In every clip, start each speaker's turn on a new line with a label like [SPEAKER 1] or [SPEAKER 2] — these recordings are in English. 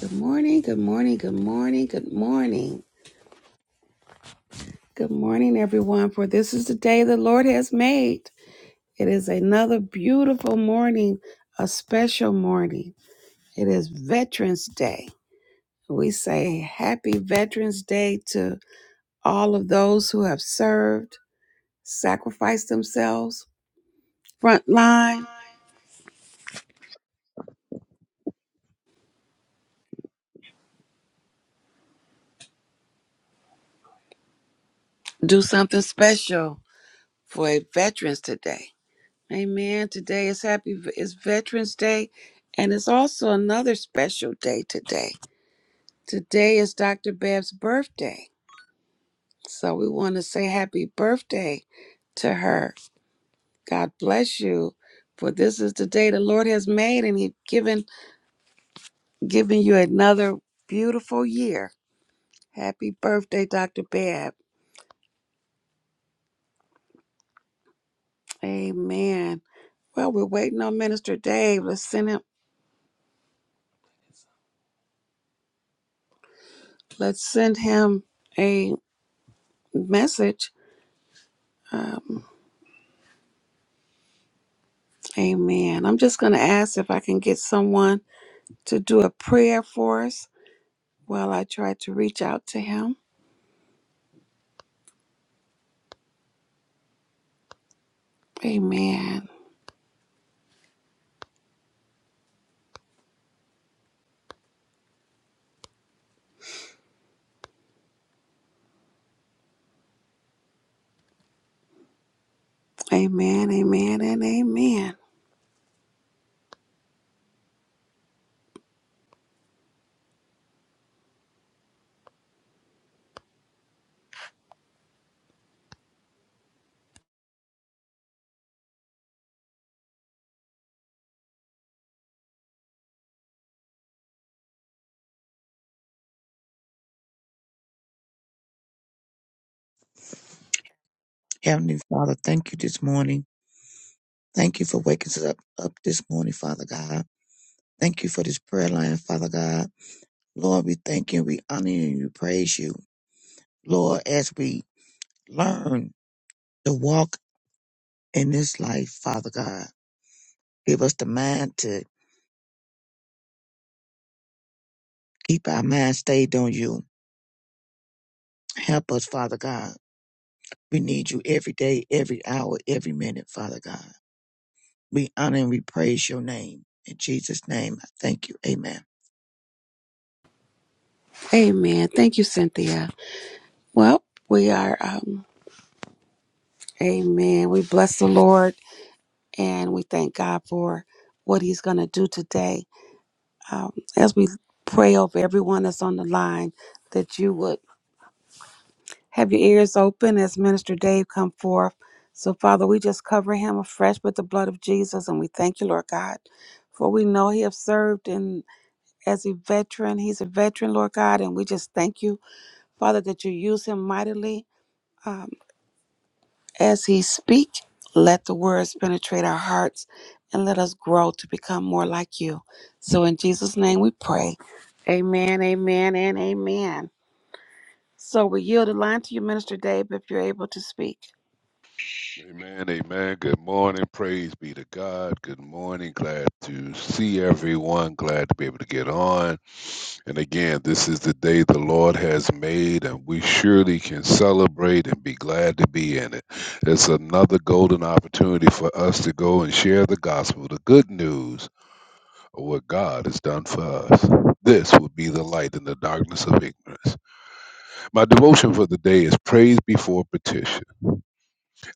[SPEAKER 1] Good morning, good morning, good morning, good morning. Good morning, everyone, for this is the day the Lord has made. It is another beautiful morning, a special morning. It is Veterans Day. We say happy Veterans Day to all of those who have served, sacrificed themselves, front line, do something special for a Veterans today. Amen. Today is happy is Veterans Day, and it's also another special day today. Today is Dr. Bev's birthday, so we want to say happy birthday to her. God bless you, for this is the day the Lord has made, and He's given given you another beautiful year. Happy birthday, Dr. Bev. Amen. Well, we're waiting on Minister Dave. Let's send him. Let's send him a message. Um, Amen. I'm just going to ask if I can get someone to do a prayer for us while I try to reach out to him. Amen. Amen. Amen. And amen.
[SPEAKER 2] Heavenly Father, thank you this morning. Thank you for waking us up, up this morning, Father God. Thank you for this prayer line, Father God. Lord, we thank you, we honor you, and we praise you. Lord, as we learn to walk in this life, Father God, give us the mind to keep our mind stayed on you. Help us, Father God. We need you every day, every hour, every minute, Father God. We honor and we praise your name. In Jesus' name, I thank you. Amen.
[SPEAKER 1] Amen. Thank you, Cynthia. Well, we are, um, amen. We bless the Lord and we thank God for what he's going to do today. Um, as we pray over everyone that's on the line, that you would. Have your ears open as Minister Dave come forth. So, Father, we just cover him afresh with the blood of Jesus, and we thank you, Lord God, for we know he has served in as a veteran. He's a veteran, Lord God, and we just thank you, Father, that you use him mightily um, as he speak. Let the words penetrate our hearts, and let us grow to become more like you. So, in Jesus' name, we pray. Amen, amen, and amen. So, we yield the line to you, Minister Dave, if you're able to speak.
[SPEAKER 3] Amen, amen. Good morning. Praise be to God. Good morning. Glad to see everyone. Glad to be able to get on. And again, this is the day the Lord has made, and we surely can celebrate and be glad to be in it. It's another golden opportunity for us to go and share the gospel, the good news of what God has done for us. This will be the light in the darkness of ignorance. My devotion for the day is praise before petition.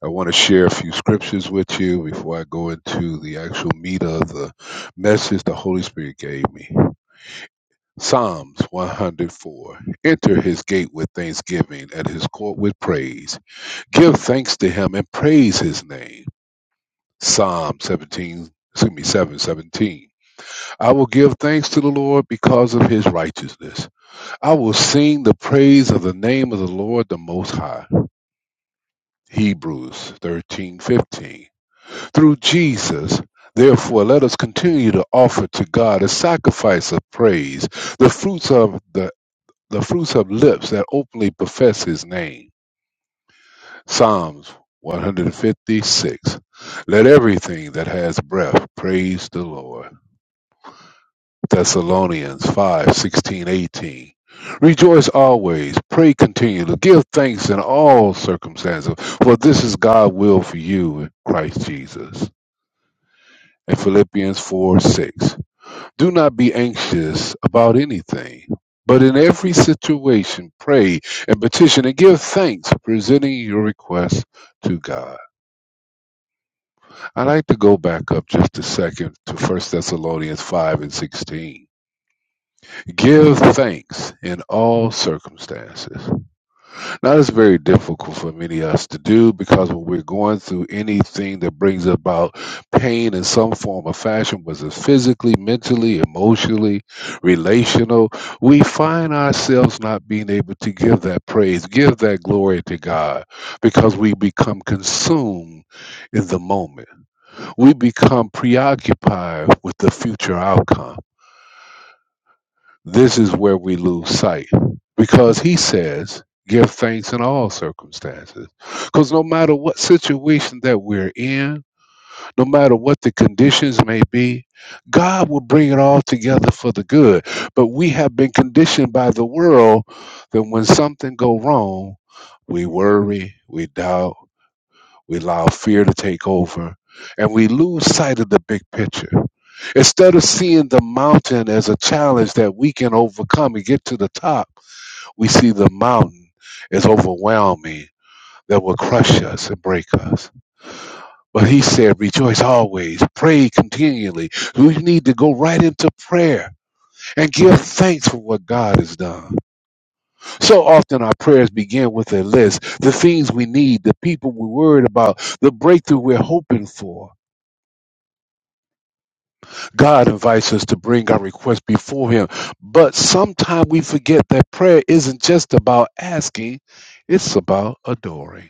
[SPEAKER 3] I want to share a few scriptures with you before I go into the actual meat of the message the Holy Spirit gave me. Psalms 104 Enter his gate with thanksgiving, and his court with praise. Give thanks to him and praise his name. Psalm 17, excuse me, 717. I will give thanks to the Lord because of his righteousness. I will sing the praise of the name of the Lord the Most High. Hebrews 13:15. through Jesus. Therefore, let us continue to offer to God a sacrifice of praise, the fruits of the, the fruits of lips that openly profess his name. Psalms 156. Let everything that has breath praise the Lord. Thessalonians 5 16 18. Rejoice always, pray continually, give thanks in all circumstances, for this is God's will for you in Christ Jesus. And Philippians 4, 6. Do not be anxious about anything, but in every situation, pray and petition and give thanks, presenting your requests to God. I'd like to go back up just a second to First Thessalonians 5 and 16. Give thanks in all circumstances. Now, it's very difficult for many of us to do because when we're going through anything that brings about pain in some form or fashion, whether it's physically, mentally, emotionally, relational, we find ourselves not being able to give that praise, give that glory to God because we become consumed in the moment. We become preoccupied with the future outcome. This is where we lose sight because he says, give thanks in all circumstances. Because no matter what situation that we're in, no matter what the conditions may be, God will bring it all together for the good. But we have been conditioned by the world that when something go wrong, we worry, we doubt, we allow fear to take over and we lose sight of the big picture. Instead of seeing the mountain as a challenge that we can overcome and get to the top, we see the mountain as overwhelming that will crush us and break us. But he said, rejoice always, pray continually. We need to go right into prayer and give thanks for what God has done. So often our prayers begin with a list, the things we need, the people we're worried about, the breakthrough we're hoping for God invites us to bring our request before Him. But sometimes we forget that prayer isn't just about asking, it's about adoring.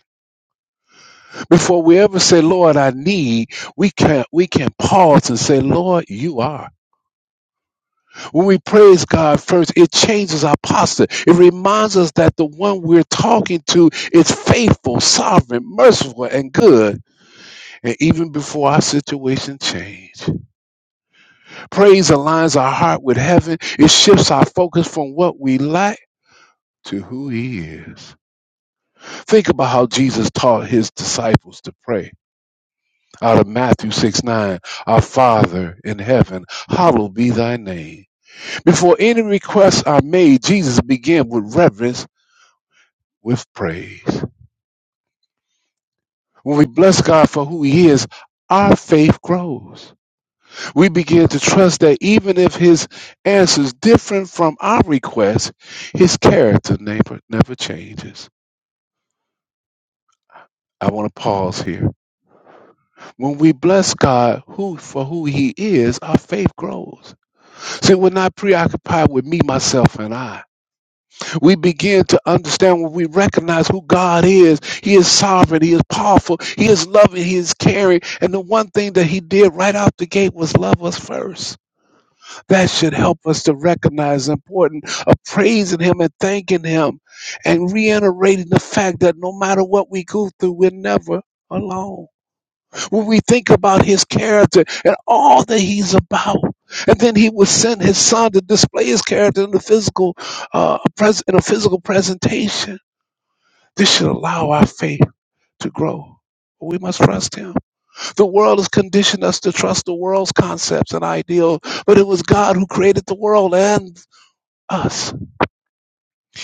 [SPEAKER 3] Before we ever say, Lord, I need, we can't we can pause and say, Lord, you are. When we praise God first, it changes our posture. It reminds us that the one we're talking to is faithful, sovereign, merciful, and good. And even before our situation change. Praise aligns our heart with heaven. It shifts our focus from what we lack to who he is. Think about how Jesus taught his disciples to pray out of Matthew 6 9. Our Father in heaven, hallowed be thy name. Before any requests are made, Jesus began with reverence, with praise. When we bless God for who he is, our faith grows. we begin to trust that even if his answer is different from our request, his character never, never changes. I want to pause here. When we bless God who for who he is, our faith grows. See, we're not preoccupied with me, myself, and I. We begin to understand when we recognize who God is. He is sovereign, he is powerful, he is loving, he is caring. And the one thing that he did right out the gate was love us first. That should help us to recognize the importance of praising Him and thanking Him and reiterating the fact that no matter what we go through, we're never alone. When we think about His character and all that He's about, and then He would send His Son to display His character in the physical, uh, pres- in a physical presentation. This should allow our faith to grow. We must trust him. The world has conditioned us to trust the world's concepts and ideals, but it was God who created the world and us.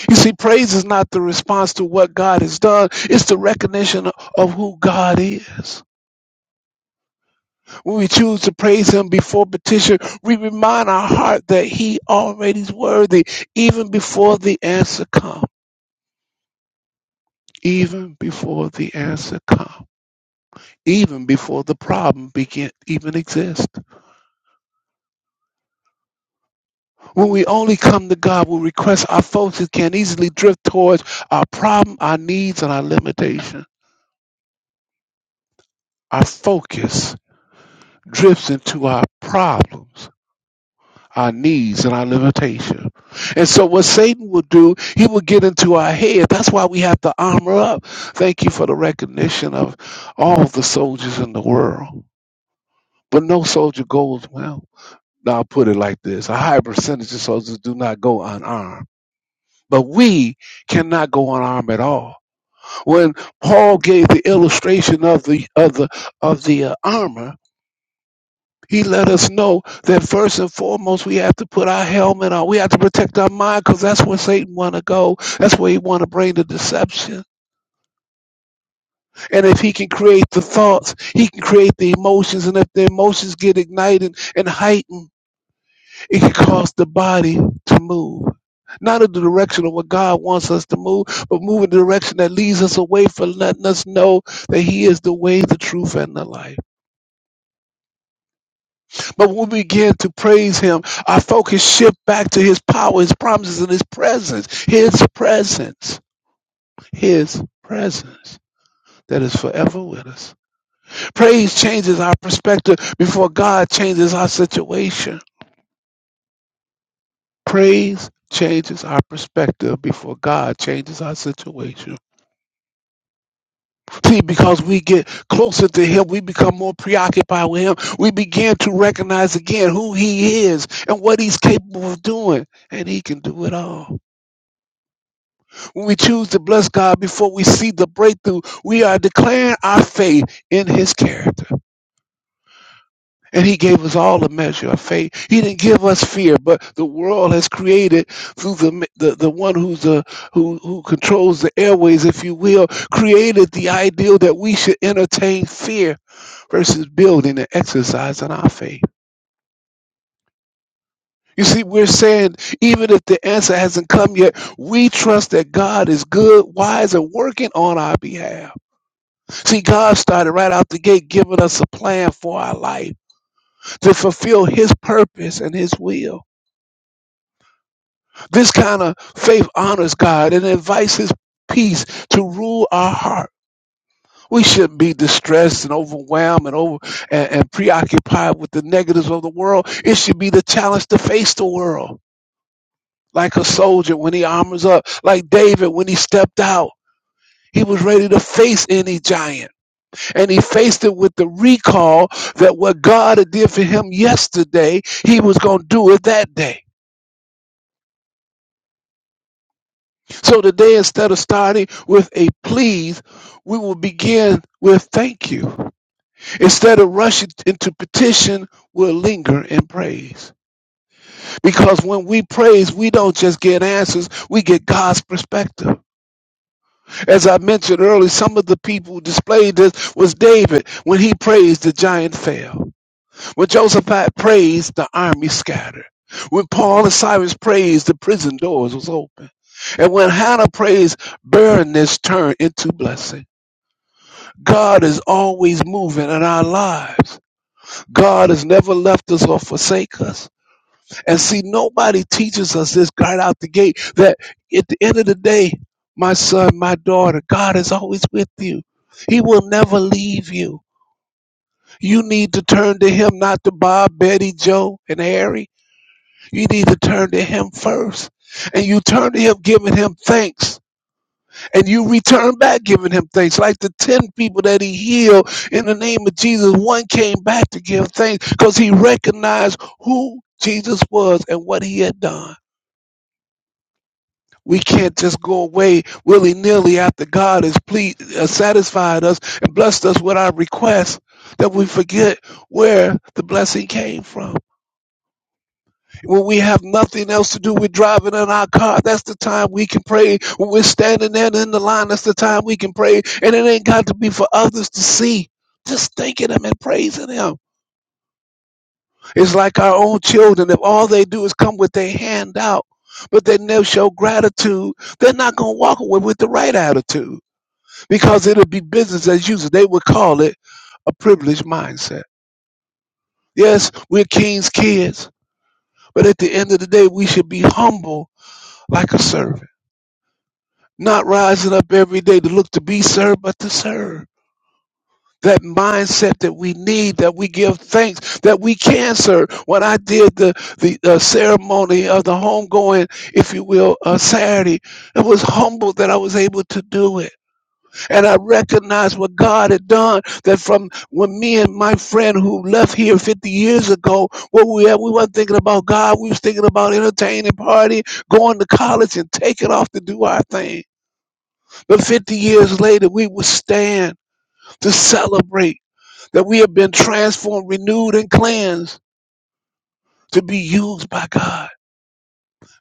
[SPEAKER 3] You see, praise is not the response to what God has done, it's the recognition of who God is. When we choose to praise Him before petition, we remind our heart that He already is worthy, even before the answer comes. Even before the answer comes, even before the problem begin even exist. When we only come to God with requests, our focus can easily drift towards our problem, our needs, and our limitation. Our focus drifts into our problems, our needs, and our limitations. And so, what Satan will do, he will get into our head. That's why we have to armor up. Thank you for the recognition of all the soldiers in the world. But no soldier goes well. Now, I'll put it like this a high percentage of soldiers do not go unarmed. But we cannot go unarmed at all. When Paul gave the illustration of the of the of the uh, armor, He let us know that first and foremost we have to put our helmet on. We have to protect our mind because that's where Satan want to go. That's where he want to bring the deception. And if he can create the thoughts, he can create the emotions. And if the emotions get ignited and heightened, it can cause the body to move. Not in the direction of what God wants us to move, but move in the direction that leads us away from letting us know that He is the way, the truth, and the life. But when we begin to praise him, our focus shift back to his power, his promises, and his presence. His presence. His presence that is forever with us. Praise changes our perspective before God changes our situation. Praise changes our perspective before God changes our situation. See, because we get closer to him, we become more preoccupied with him. We begin to recognize again who he is and what he's capable of doing. And he can do it all. When we choose to bless God before we see the breakthrough. We are declaring our faith in His character. And He gave us all the measure of faith. He didn't give us fear, but the world has created through the the, the one who's the who who controls the airways, if you will, created the ideal that we should entertain fear versus building and exercising our faith. You see, we're saying even if the answer hasn't come yet, we trust that God is good, wise, and working on our behalf. See, God started right out the gate giving us a plan for our life to fulfill His purpose and His will. This kind of faith honors God and invites His peace to rule our heart. We shouldn't be distressed and overwhelmed and over and, and preoccupied with the negatives of the world. It should be the challenge to face the world. Like a soldier when he armors up, like David when he stepped out. He was ready to face any giant. and he faced it with the recall that what God did for him yesterday, he was going to do it that day. So today, instead of starting with a please, we will begin with thank you. Instead of rushing into petition, we'll linger in praise. Because when we praise, we don't just get answers, we get God's perspective. As I mentioned earlier, some of the people who displayed this was David when he praised the giant fell. When Josaphat praised, the army scattered. When Paul and Silas praised, the prison doors was open. And when Hannah praised, barrenness turned into blessing. God is always moving in our lives. God has never left us or forsake us. And see, nobody teaches us this right out the gate that at the end of the day, my son, my daughter, God is always with you. He will never leave you. You need to turn to him, not to Bob, Betty, Joe, and Harry You need to turn to Him first. And you turn to Him giving Him thanks. And you return back giving Him thanks. Like the 10 people that He healed in the name of Jesus, one came back to give thanks because He recognized who Jesus was and what He had done. We can't just go away willy nilly after God has pleased, uh, satisfied us and blessed us with our requests that we forget where the blessing came from. when we have nothing else to do, we're driving in our car. That's the time we can pray. When we're standing there in the line, that's the time we can pray. And it ain't got to be for others to see. Just thanking Him and praising Him. It's like our own children. If all they do is come with their hand out, but they never show gratitude, they're not going to walk away with the right attitude because it'll be business as usual. They would call it a privileged mindset. Yes, we're king's kids, but at the end of the day, we should be humble like a servant. Not rising up every day to look to be served, but to serve. That mindset that we need, that we give thanks, that we can serve. When I did the the uh, ceremony of the homegoing, if you will, uh, Saturday, I was humbled that I was able to do it, and I recognized what God had done. That from when me and my friend who left here 50 years ago, what we had, we weren't thinking about God. We was thinking about entertaining, party, going to college, and taking off to do our thing but 50 years later, we will stand to celebrate that we have been transformed, renewed, and cleansed to be used by God.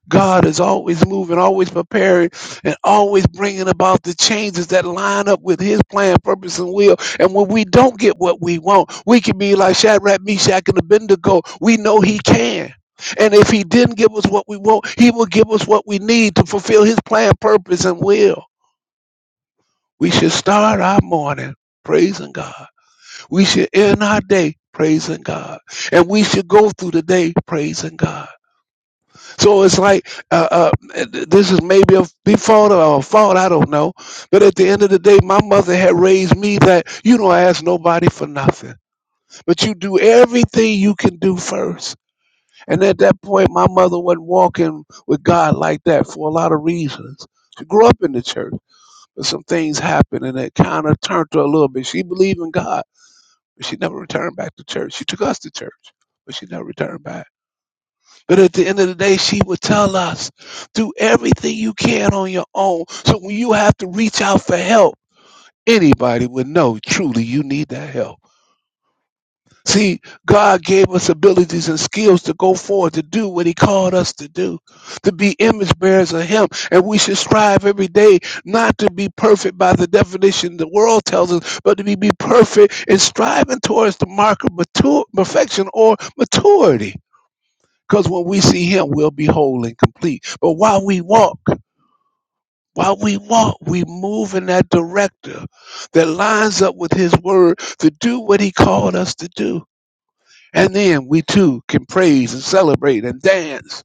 [SPEAKER 3] God is always moving, always preparing, and always bringing about the changes that line up with His plan, purpose, and will. And when we don't get what we want, we can be like Shadrach, Meshach, and Abednego. We know He can. And if He didn't give us what we want, He will give us what we need to fulfill His plan, purpose, and will. We should start our morning praising God We should end our day praising God, and we should go through the day praising God. So it's like uh, uh, this is maybe a default or a fault, I don't know. But at the end of the day, my mother had raised me that you don't ask nobody for nothing, but you do everything you can do first. And at that point, my mother wasn't walking with God like that for a lot of reasons. She grew up in the church, but some things happened and it kind of turned her a little bit. She believed in God but she never returned back to church. She took us to church, but she never returned back. But at the end of the day, she would tell us, do everything you can on your own. So when you have to reach out for help, anybody would know truly you need that help. See, God gave us abilities and skills to go forward, to do what He called us to do, to be image bearers of Him. And we should strive every day not to be perfect by the definition the world tells us, but to be, be perfect in striving towards the mark of mature, perfection or maturity. Because when we see Him, we'll be whole and complete. But while we walk, while we walk, we move in that director that lines up with His word to do what He called us to do and then we too can praise and celebrate and dance.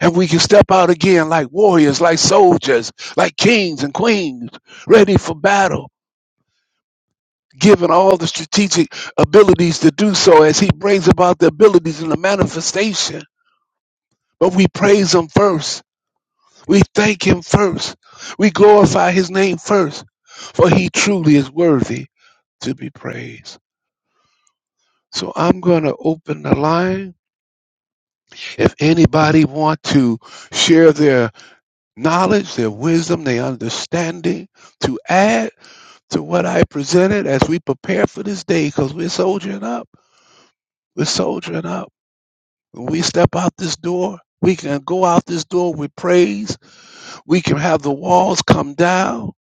[SPEAKER 3] And we can step out again like warriors, like soldiers, like kings and queens, ready for battle, given all the strategic abilities to do so as he brings about the abilities and the manifestation. But we praise him first. We thank him first. We glorify his name first, for he truly is worthy to be praised. So I'm going to open the line. If anybody want to share their knowledge, their wisdom, their understanding to add to what I presented as we prepare for this day because we're soldiering up. We're soldiering up. When we step out this door, we can go out this door with praise. We can have the walls come down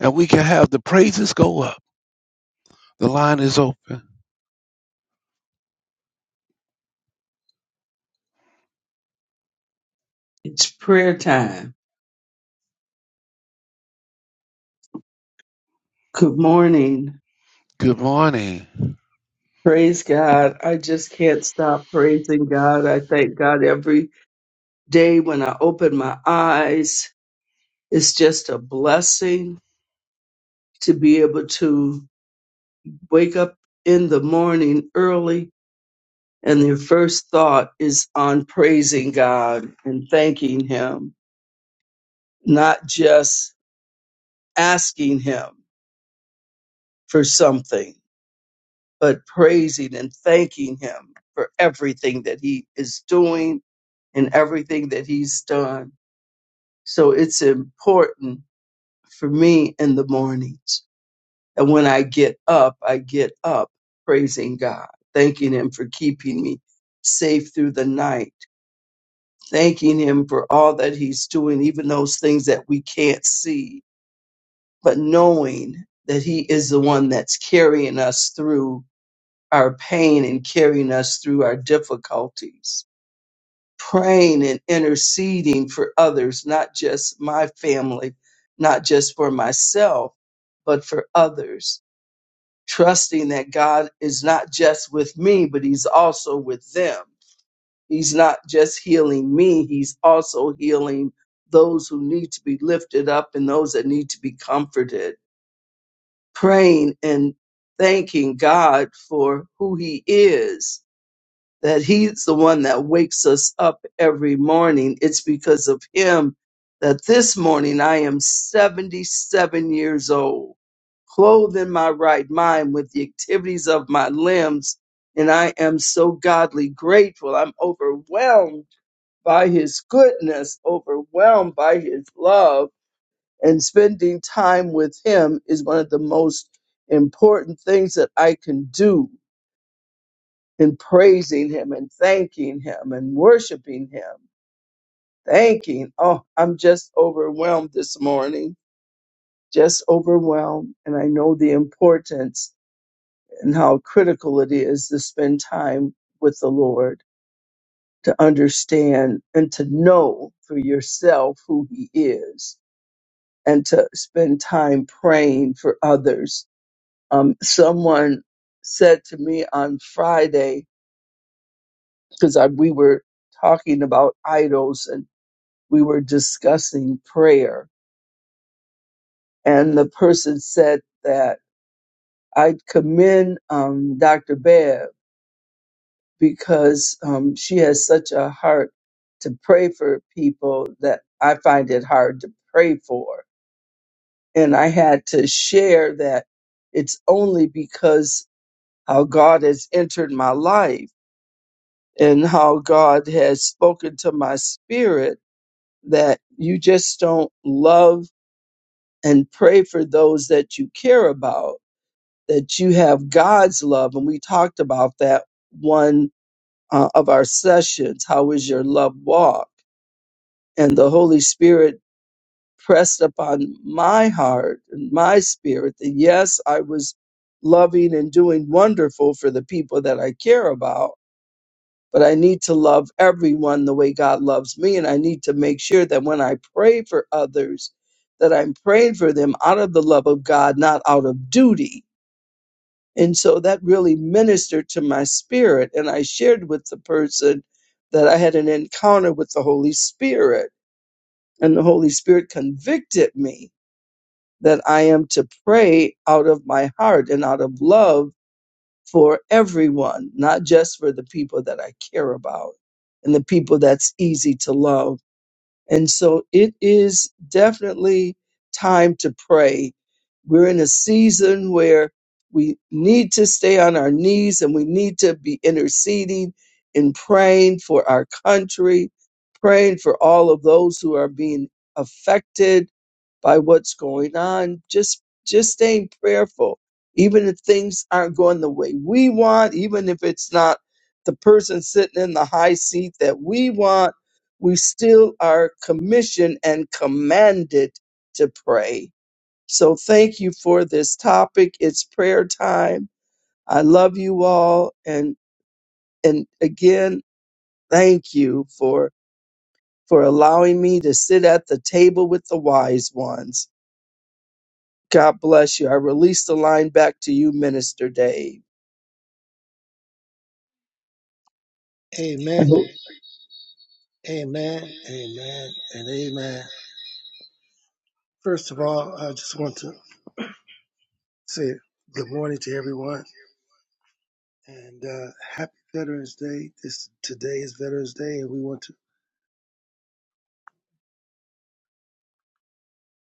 [SPEAKER 3] and we can have the praises go up. The line is open.
[SPEAKER 4] It's prayer time. Good morning.
[SPEAKER 3] Good morning.
[SPEAKER 4] Praise God. I just can't stop praising God. I thank God every day when I open my eyes. It's just a blessing to be able to wake up in the morning early and their first thought is on praising God and thanking Him, not just asking Him for something. but praising and thanking him for everything that he is doing and everything that he's done. So it's important for me in the mornings. And when I get up, I get up praising God, thanking him for keeping me safe through the night, thanking him for all that he's doing, even those things that we can't see, but knowing that he is the one that's carrying us through our pain and carrying us through our difficulties. Praying and interceding for others, not just my family, not just for myself, but for others. Trusting that God is not just with me, but He's also with them. He's not just healing me, He's also healing those who need to be lifted up and those that need to be comforted. Praying and thanking God for who He is that he's the one that wakes us up every morning. It's because of him that this morning I am 77 years old, clothed in my right mind with the activities of my limbs. And I am so godly grateful. I'm overwhelmed by his goodness, overwhelmed by his love. And spending time with him is one of the most important things that I can do and praising him and thanking him and worshiping him, thanking. Oh, I'm just overwhelmed this morning, just overwhelmed. And I know the importance and how critical it is to spend time with the Lord, to understand and to know for yourself who he is, and to spend time praying for others. Um, someone said to me on Friday, because we were talking about idols and. we were discussing prayer, and the person said that I commend um, Dr. Bev because um, she has such a heart to pray for people that I find it hard to pray for. And I had to share that it's only because how God has entered my life and how God has spoken to my spirit that you just don't love and pray for those that you care about that you have God's love. And we talked about that one uh, of our sessions. How is your love walk? And the Holy Spirit pressed upon my heart and my spirit that yes, I was loving and doing wonderful for the people that I care about, but I need to love everyone the way God loves me. And I need to make sure that when I pray for others, that I'm praying for them out of the love of God, not out of duty And so that really ministered to my spirit. And I shared with the person that I had an encounter with the Holy Spirit. And the Holy Spirit convicted me that I am to pray out of my heart and out of love for everyone, not just for the people that I care about and the people that's easy to love and so it is definitely time to pray. We're in a season where we need to stay on our knees and we need to be interceding and praying for our country, praying for all of those who are being affected by what's going on. Just just staying prayerful, even if things aren't going the way we want, even if it's not the person sitting in the high seat that we want we still are commissioned and commanded to pray. So thank you for this topic. It's prayer time. I love you all and and again, thank you for for allowing me to sit at the table with the wise ones. God bless you. I release the line back to you, Minister Dave. I
[SPEAKER 5] Amen,
[SPEAKER 4] hope-
[SPEAKER 5] amen, amen, and amen. First of all, I just want to say good morning to everyone and uh, happy Veterans Day. This today is Veterans Day, and we want to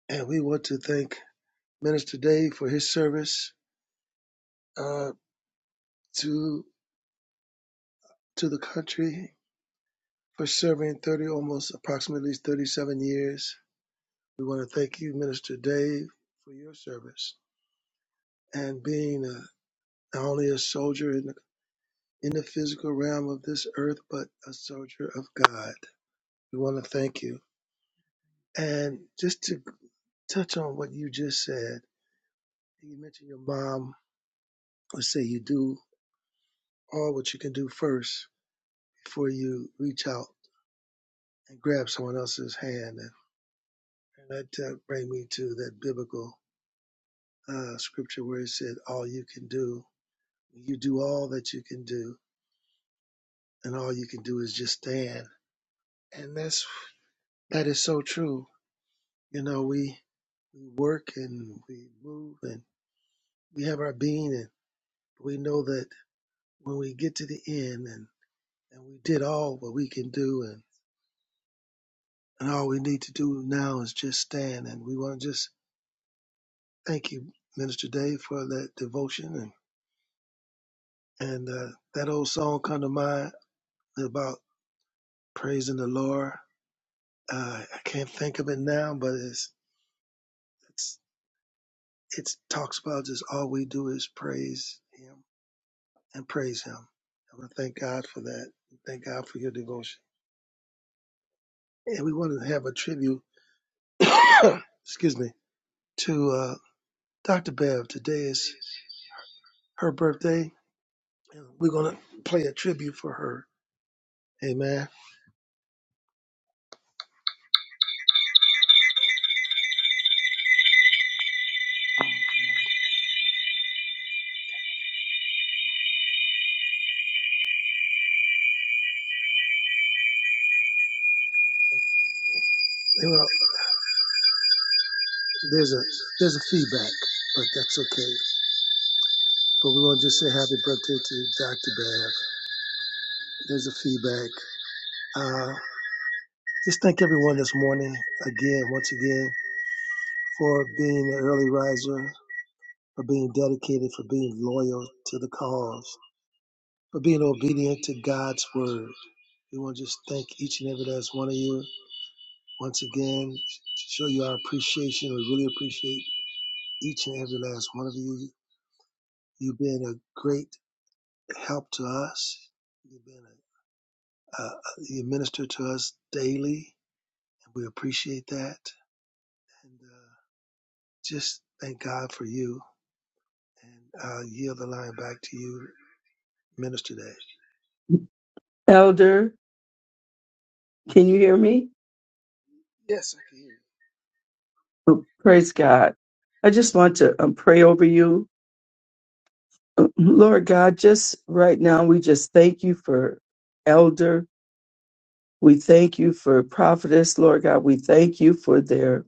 [SPEAKER 5] and we want to thank Minister Dave for his service uh, to to the country for serving thirty almost approximately thirty seven years. We want to thank you, Minister Dave, for your service and being a, not only a soldier in in the physical realm of this earth, but a soldier of God. We want to thank you. And just to touch on what you just said, you mentioned your mom would say you do all what you can do first before you reach out and grab someone else's hand. And, and that uh, bring me to that biblical uh, scripture where it said, all you can do, you do all that you can do, and all you can do is just stand. And that's that is so true You know, we we work and we move and we have our being, and we know that when we get to the end and and we did all what we can do, and and all we need to do now is just stand. And we want to just thank you, Minister Dave, for that devotion and and uh, that old song come to mind about praising the Lord. Uh, I can't think of it now, but it's it's it talks about just all we do is praise Him and praise Him. And I thank God for that. Thank God for your devotion. And we want to have a tribute, excuse me, to uh, Dr. Bev. Today is her birthday. We're going to play a tribute for her. Amen. And, Well, there's a there's a feedback, but that's okay. But we want to just say happy birthday to Dr. Bev. There's a feedback. Uh, just thank everyone this morning again, once again, for being an early riser, for being dedicated, for being loyal to the cause, for being obedient to God's word. We want to just thank each and every last one of you. Once again, show you our appreciation. We really appreciate each and every last one of you. You've been a great help to us. You've been a, a, you minister to us daily, and we appreciate that. And uh, just thank God for you. And I will yield the line back to you, Minister Day.
[SPEAKER 4] Elder, can you hear me?
[SPEAKER 5] Yes, I can hear
[SPEAKER 4] Praise God. I just want to um, pray over you Lord God, just right now, we just thank you for Elder. We thank you for Prophetess, Lord God. We thank you for their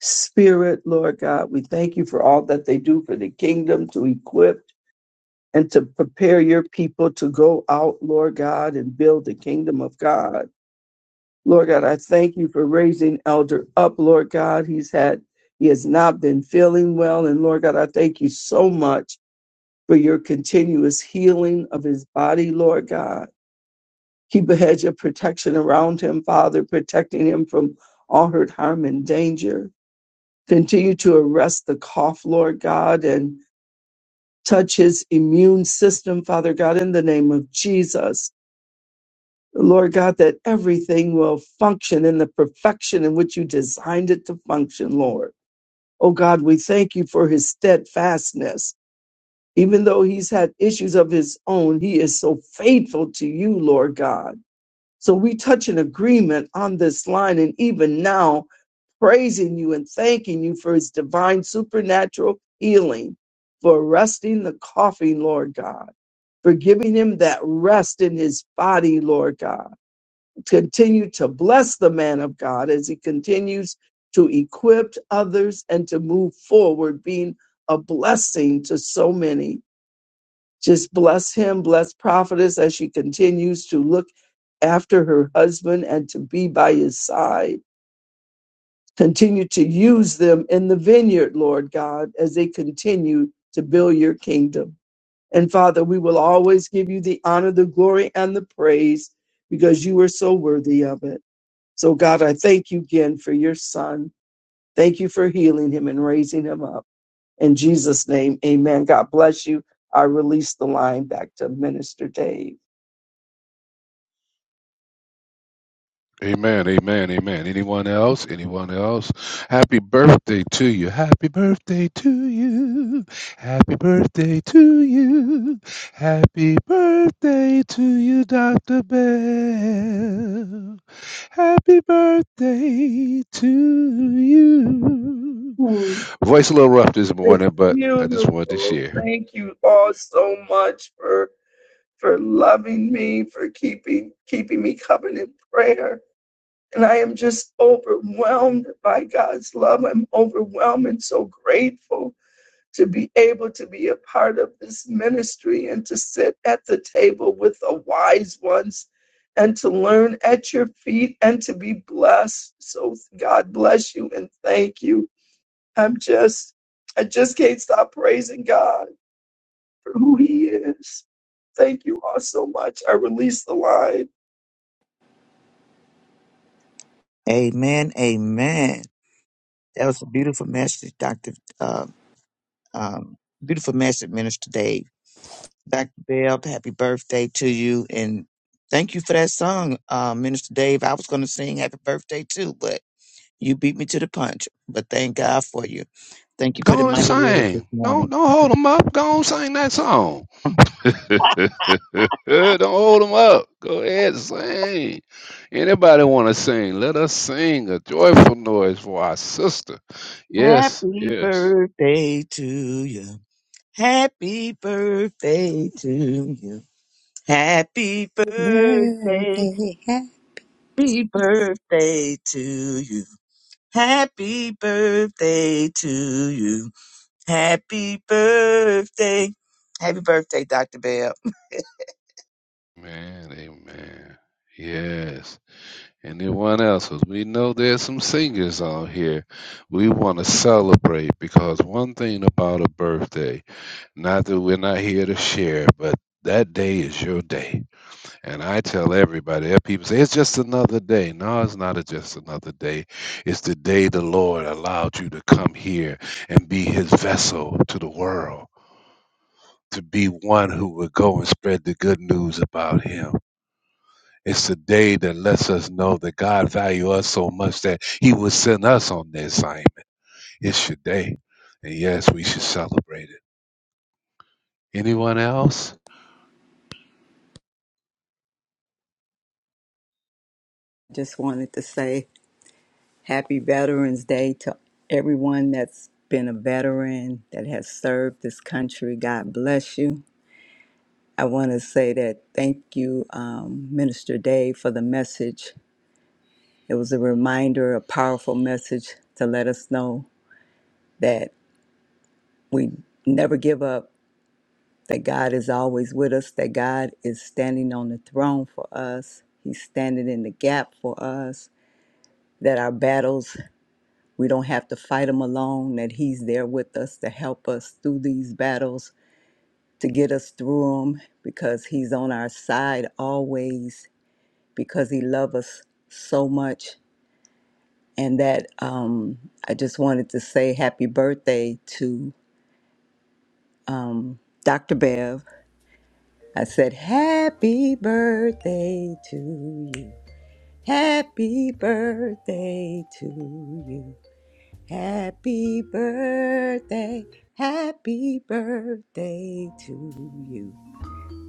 [SPEAKER 4] spirit, Lord God. We thank you for all that they do for the kingdom to equip and to prepare your people to go out, Lord God, and build the kingdom of God. Lord God, I thank you for raising Elder up, Lord God. He's had, he has not been feeling well. And Lord God, I thank you so much for your continuous healing of his body, Lord God. Keep a hedge of protection around him, Father, protecting him from all hurt, harm, and danger. Continue to arrest the cough, Lord God, and touch his immune system, Father God, in the name of Jesus. Lord God, that everything will function in the perfection in which you designed it to function, Lord. Oh God, we thank you for his steadfastness. Even though he's had issues of his own, he is so faithful to you, Lord God. So we touch an agreement on this line and even now praising you and thanking you for his divine supernatural healing, for arresting the coughing, Lord God, for giving him that rest in his body, Lord God. Continue to bless the man of God as he continues to equip others and to move forward, being a blessing to so many. Just bless him, bless Prophetess as she continues to look after her husband and to be by his side. Continue to use them in the vineyard, Lord God, as they continue to build your kingdom. And Father, we will always give you the honor, the glory, and the praise because you are so worthy of it. So, God, I thank you again for your son. Thank you for healing him and raising him up. In Jesus' name, amen. God bless you. I release the line back to Minister Dave.
[SPEAKER 3] Amen, amen, amen. Anyone else? Anyone else? Happy birthday to you. Happy birthday to you. Happy birthday to you. Happy birthday to you, Dr. Bell. Happy birthday to you.
[SPEAKER 4] Hmm,
[SPEAKER 3] Voice a little rough this
[SPEAKER 4] It's
[SPEAKER 3] morning, but I just wanted to
[SPEAKER 4] beautiful.
[SPEAKER 3] share.
[SPEAKER 4] Thank you all so much for for loving me, for keeping keeping me covered in prayer. And I am just overwhelmed by God's love. I'm overwhelmed and so grateful to be able to be a part of this ministry and to sit at the table with the wise ones and to learn at your feet and to be blessed. So God bless you and thank you. I'm just, I just can't stop praising God for who He is. Thank you all so much. I release the line.
[SPEAKER 2] Amen. Amen. That was a beautiful message, Dr. Uh, um, beautiful message, Minister Dave. Dr. Bell, happy birthday to you. And thank you for that song, uh, Minister Dave. I was going to sing happy birthday too, but you beat me to the punch. But thank God for you. Thank you for
[SPEAKER 3] Go
[SPEAKER 2] the
[SPEAKER 3] on and
[SPEAKER 2] mighty word this
[SPEAKER 3] sing. Don't
[SPEAKER 2] morning.
[SPEAKER 3] don't hold them up. Go on and sing that song. don't hold them up. Go ahead and sing. Anybody want to sing? Let us sing a joyful noise for our sister. Yes,
[SPEAKER 2] Happy
[SPEAKER 3] yes.
[SPEAKER 2] birthday to you. Happy birthday to you. Happy birthday.
[SPEAKER 6] birthday. Ha-
[SPEAKER 2] Happy birthday to you. Happy birthday to you. Happy birthday. Happy birthday, Dr. Bell.
[SPEAKER 3] Man, amen. Yes. Anyone else? 'Cause we know there's some singers on here. We want to celebrate because one thing about a birthday. Not that we're not here to share, but that day is your day. And I tell everybody, there are people say, it's just another day. No, it's not a just another day. It's the day the Lord allowed you to come here and be his vessel to the world, to be one who would go and spread the good news about him. It's the day that lets us know that God value us so much that he would send us on the assignment. It's your day. And yes, we should celebrate it. Anyone else?
[SPEAKER 6] Just wanted to say happy Veterans Day to everyone that's been a veteran that has served this country. God bless you. I want to say that thank you, um, Minister Dave, for the message. It was a reminder, a powerful message to let us know that we never give up, that God is always with us, that God is standing on the throne for us. He's standing in the gap for us, that our battles We don't have to fight them alone, that He's there with us to help us through these battles, to get us through them, because He's on our side always, because He loves us so much. And that um, I just wanted to say happy birthday to um, Dr. Bev. I said, Happy birthday to you. Happy birthday to you. Happy birthday, happy birthday to you.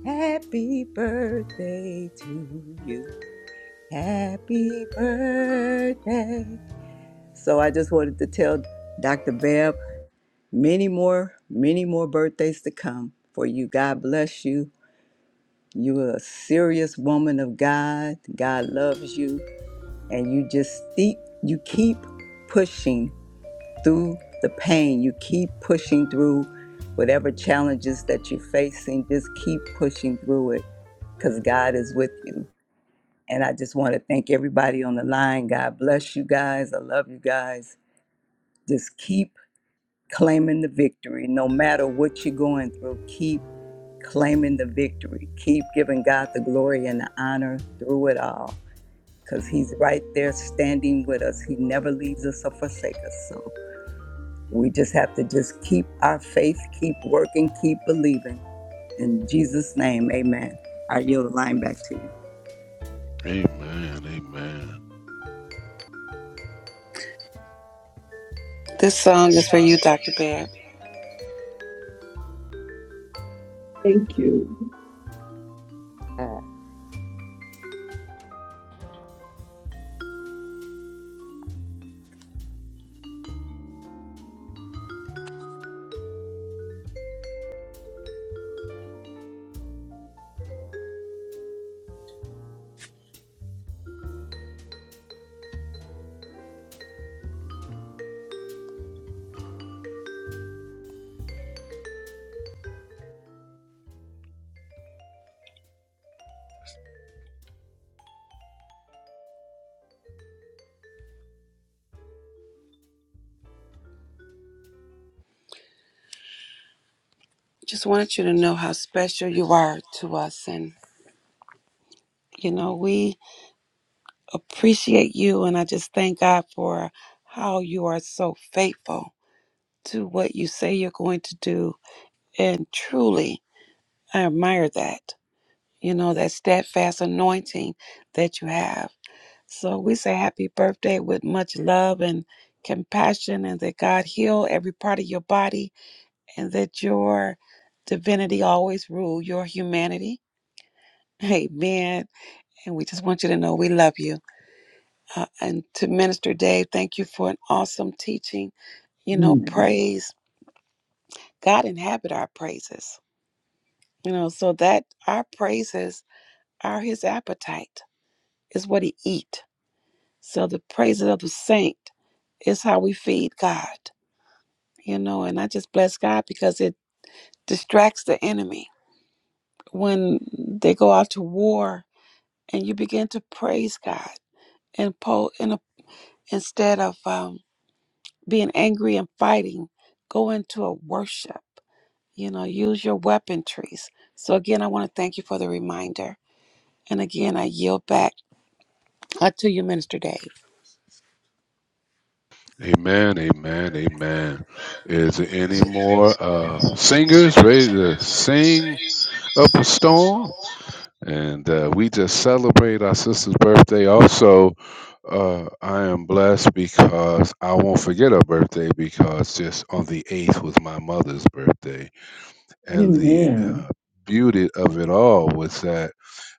[SPEAKER 6] Happy birthday to you. Happy birthday. So I just wanted to tell Dr. Bev many more, many more birthdays to come for you. God bless you. You are a serious woman of God. God loves you. And you just keep, you keep pushing through the pain. You keep pushing through whatever challenges that you're facing. Just keep pushing through it because God is with you. And I just want to thank everybody on the line. God bless you guys. I love you guys. Just keep claiming the victory. No matter what you're going through, keep claiming the victory. Keep giving God the glory and the honor through it all because He's right there standing with us. He never leaves us or forsakes us. So We just have to just keep our faith, keep working, keep believing. In Jesus' name, amen. I yield the line back to you.
[SPEAKER 3] Amen. Amen.
[SPEAKER 1] This song is for you, Dr. Babb.
[SPEAKER 4] Thank you.
[SPEAKER 1] Just wanted you to know how special you are to us. And, you know, we appreciate you. And I just thank God for how you are so faithful to what you say you're going to do. And truly, I admire that. You know, that steadfast anointing that you have. So we say happy birthday with much love and compassion, and that God heal every part of your body and that your divinity always rule your humanity. Amen. And we just want you to know we love you. Uh, and to Minister Dave, thank you for an awesome teaching. You know,
[SPEAKER 4] Amen.
[SPEAKER 1] praise God inhabit our praises. You know, so that our praises are His appetite, is what He eat. So the praises of the saint is how we feed God. You know, and I just bless God because it distracts the enemy when they go out to war and you begin to praise God and po- in a, instead of um, being angry and fighting, go into a worship. You know, use your weaponries. So again, I want to thank you for the reminder. And again, I yield back uh, to you, Minister Dave.
[SPEAKER 3] Amen, amen, amen. Is there any more uh, singers ready to sing up a storm? And uh, we just celebrate our sister's birthday. Also, uh, I am blessed because I won't forget her birthday because just on the 8th was my mother's birthday.
[SPEAKER 4] Amen.
[SPEAKER 3] And the uh, beauty of it all was that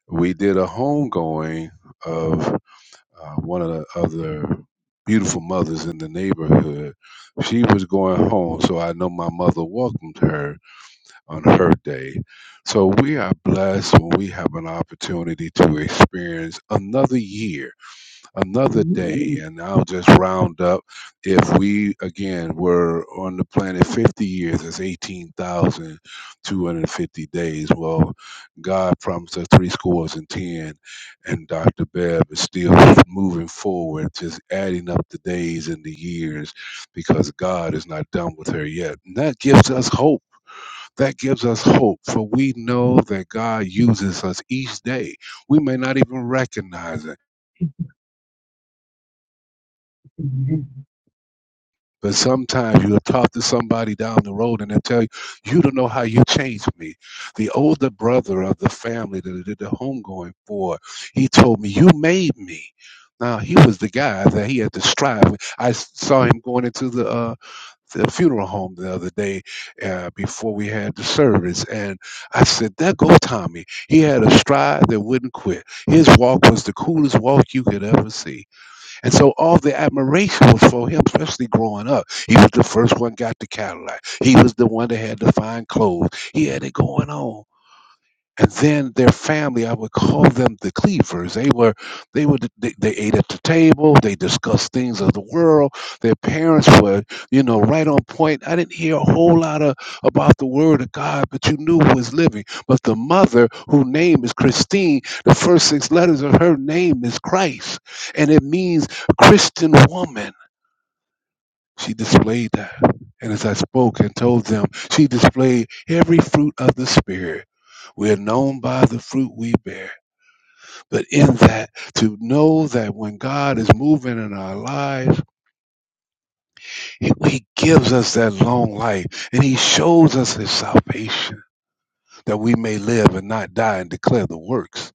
[SPEAKER 3] we did a homegoing of uh, one of the other beautiful mothers in the neighborhood. She was going home, so I know my mother welcomed her on her day. So we are blessed when we have an opportunity to experience another year another day
[SPEAKER 4] Amen.
[SPEAKER 3] and i'll just round up if we again were on the planet 50 years it's 18,250 days well god promised us three scores and ten and dr bev is still moving forward just adding up the days and the years because god is not done with her yet and that gives us hope that gives us hope for we know that god uses us each day we may not even recognize it
[SPEAKER 4] Amen.
[SPEAKER 3] But sometimes you'll talk to somebody down the road and they'll tell you, you don't know how you changed me. The older brother of the family that I did the homegoing for, he told me, you made me. Now, he was the guy that he had to strive with. I s- saw him going into the, uh, the funeral home the other day uh, before we had the service. And I said, there go Tommy. He had a stride that wouldn't quit. His walk was the coolest walk you could ever see and so all the admiration was for him, especially growing up. He was the first one got the Cadillac. He was the one that had the fine clothes. He had it going on and then their family i would call them the cleavers they were they would they, they ate at the table they discussed things of the world their parents were you know right on point i didn't hear a whole lot of about the word of god but you knew who was living but the mother whose name is christine the first six letters of her name is christ and it means christian woman she displayed that. And as I spoke and told them, she displayed every fruit of the Spirit. We are known by the fruit we bear. But in that, to know that when God is moving in our lives, He He gives us that long life and He shows us His salvation that we may live and not die and declare the works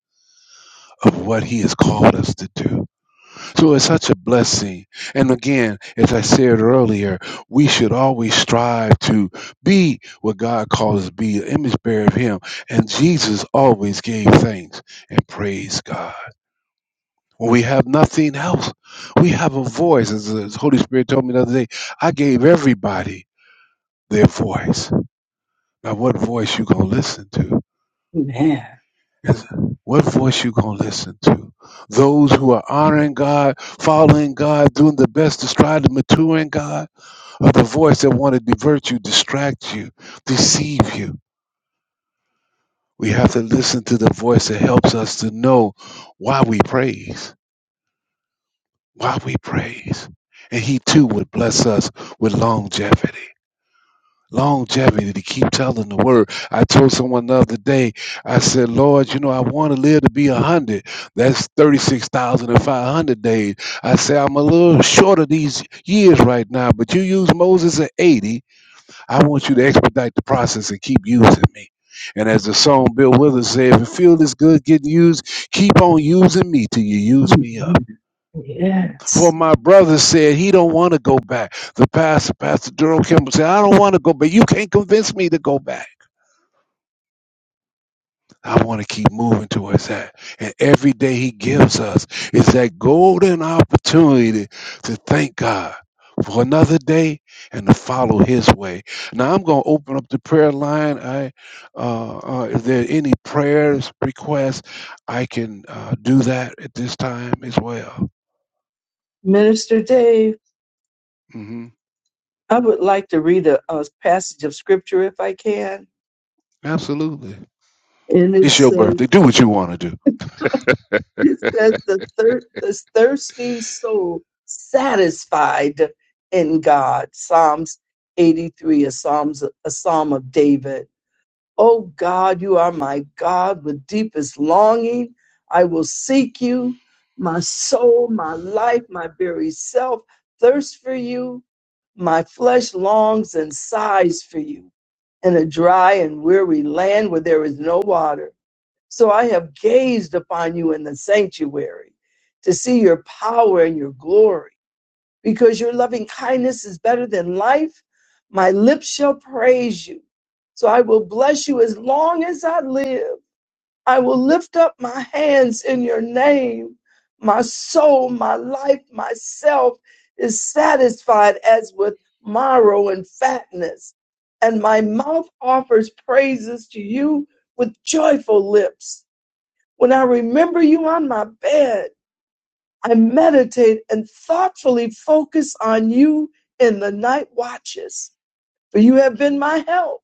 [SPEAKER 3] of what He has called us to do. So it's such a blessing. And again, as I said earlier, we should always strive to be what God calls us to be, an image bearer of Him. And Jesus always gave thanks and praised God. When we have nothing else, we have a voice. As the Holy Spirit told me the other day, I gave everybody their voice. Now, what voice you gonna listen to?
[SPEAKER 4] Amen.
[SPEAKER 3] Is- What voice you gonna listen to? Those who are honoring God, following God, doing the best to strive to mature in God or the voice that want to divert you, distract you, deceive you. We have to listen to the voice that helps us to know why we praise, why we praise. And he too would bless us with longevity. Longevity to keep telling the word. I told someone the other day, I said, Lord, you know, I want to live to be a hundred. That's 36,500 days. I say, I'm a little short of these years right now, but you used Moses at 80 I want you to expedite the process and keep using me. And as the song Bill Withers said, if you feel this good getting used, keep on using me till you use me up.
[SPEAKER 4] Amen.
[SPEAKER 3] For
[SPEAKER 4] Yes.
[SPEAKER 3] my brother said he don't want to go back. The pastor, Pastor Durham Kimball said, I don't want to go back. You can't convince me to go back. I want to keep moving towards that. And every day He gives us is that golden opportunity to thank God for another day and to follow His way. Now I'm going to open up the prayer line. I, uh, uh, if there are any prayers requests, I can uh, do that at this time as well.
[SPEAKER 4] Minister Dave,
[SPEAKER 3] hmm
[SPEAKER 4] I would like to read a, a passage of scripture if I can.
[SPEAKER 3] Absolutely.
[SPEAKER 4] And it
[SPEAKER 3] It's your
[SPEAKER 4] says,
[SPEAKER 3] birthday. Do what you want to do.
[SPEAKER 4] It says the thir- this thirsting soul satisfied in God. Psalms 83, a Psalms a Psalm of David. Oh God, you are my God with deepest longing. I will seek you, my soul, my life, my very self, thirst for you. My flesh longs and sighs for you in a dry and weary land where there is no water. So I have gazed upon you in the sanctuary to see your power and your glory. Because your loving kindness is better than life, my lips shall praise you. So I will bless you as long as I live. I will lift up my hands in your name. My soul, my life, myself is satisfied as with marrow and fatness. And my mouth offers praises to you with joyful lips. When I remember you on my bed, I meditate and thoughtfully focus on you in the night watches, for you have been my help.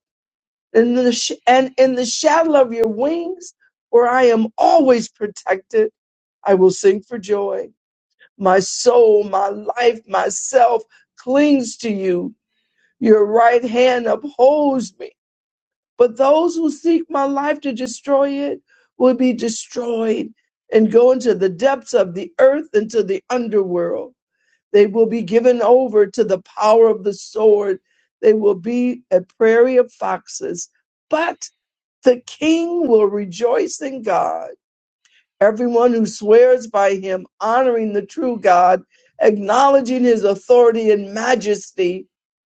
[SPEAKER 4] And In the sh- and in the shadow of your wings, where I am always protected, I will sing for joy. My soul, my life, myself clings to you. Your right hand upholds me. But those who seek my life to destroy it will be destroyed and go into the depths of the earth, into the underworld. They will be given over to the power of the sword. They will be a prairie of foxes. But the king will rejoice in God. Everyone who swears by him, honoring the true God, acknowledging his authority and majesty,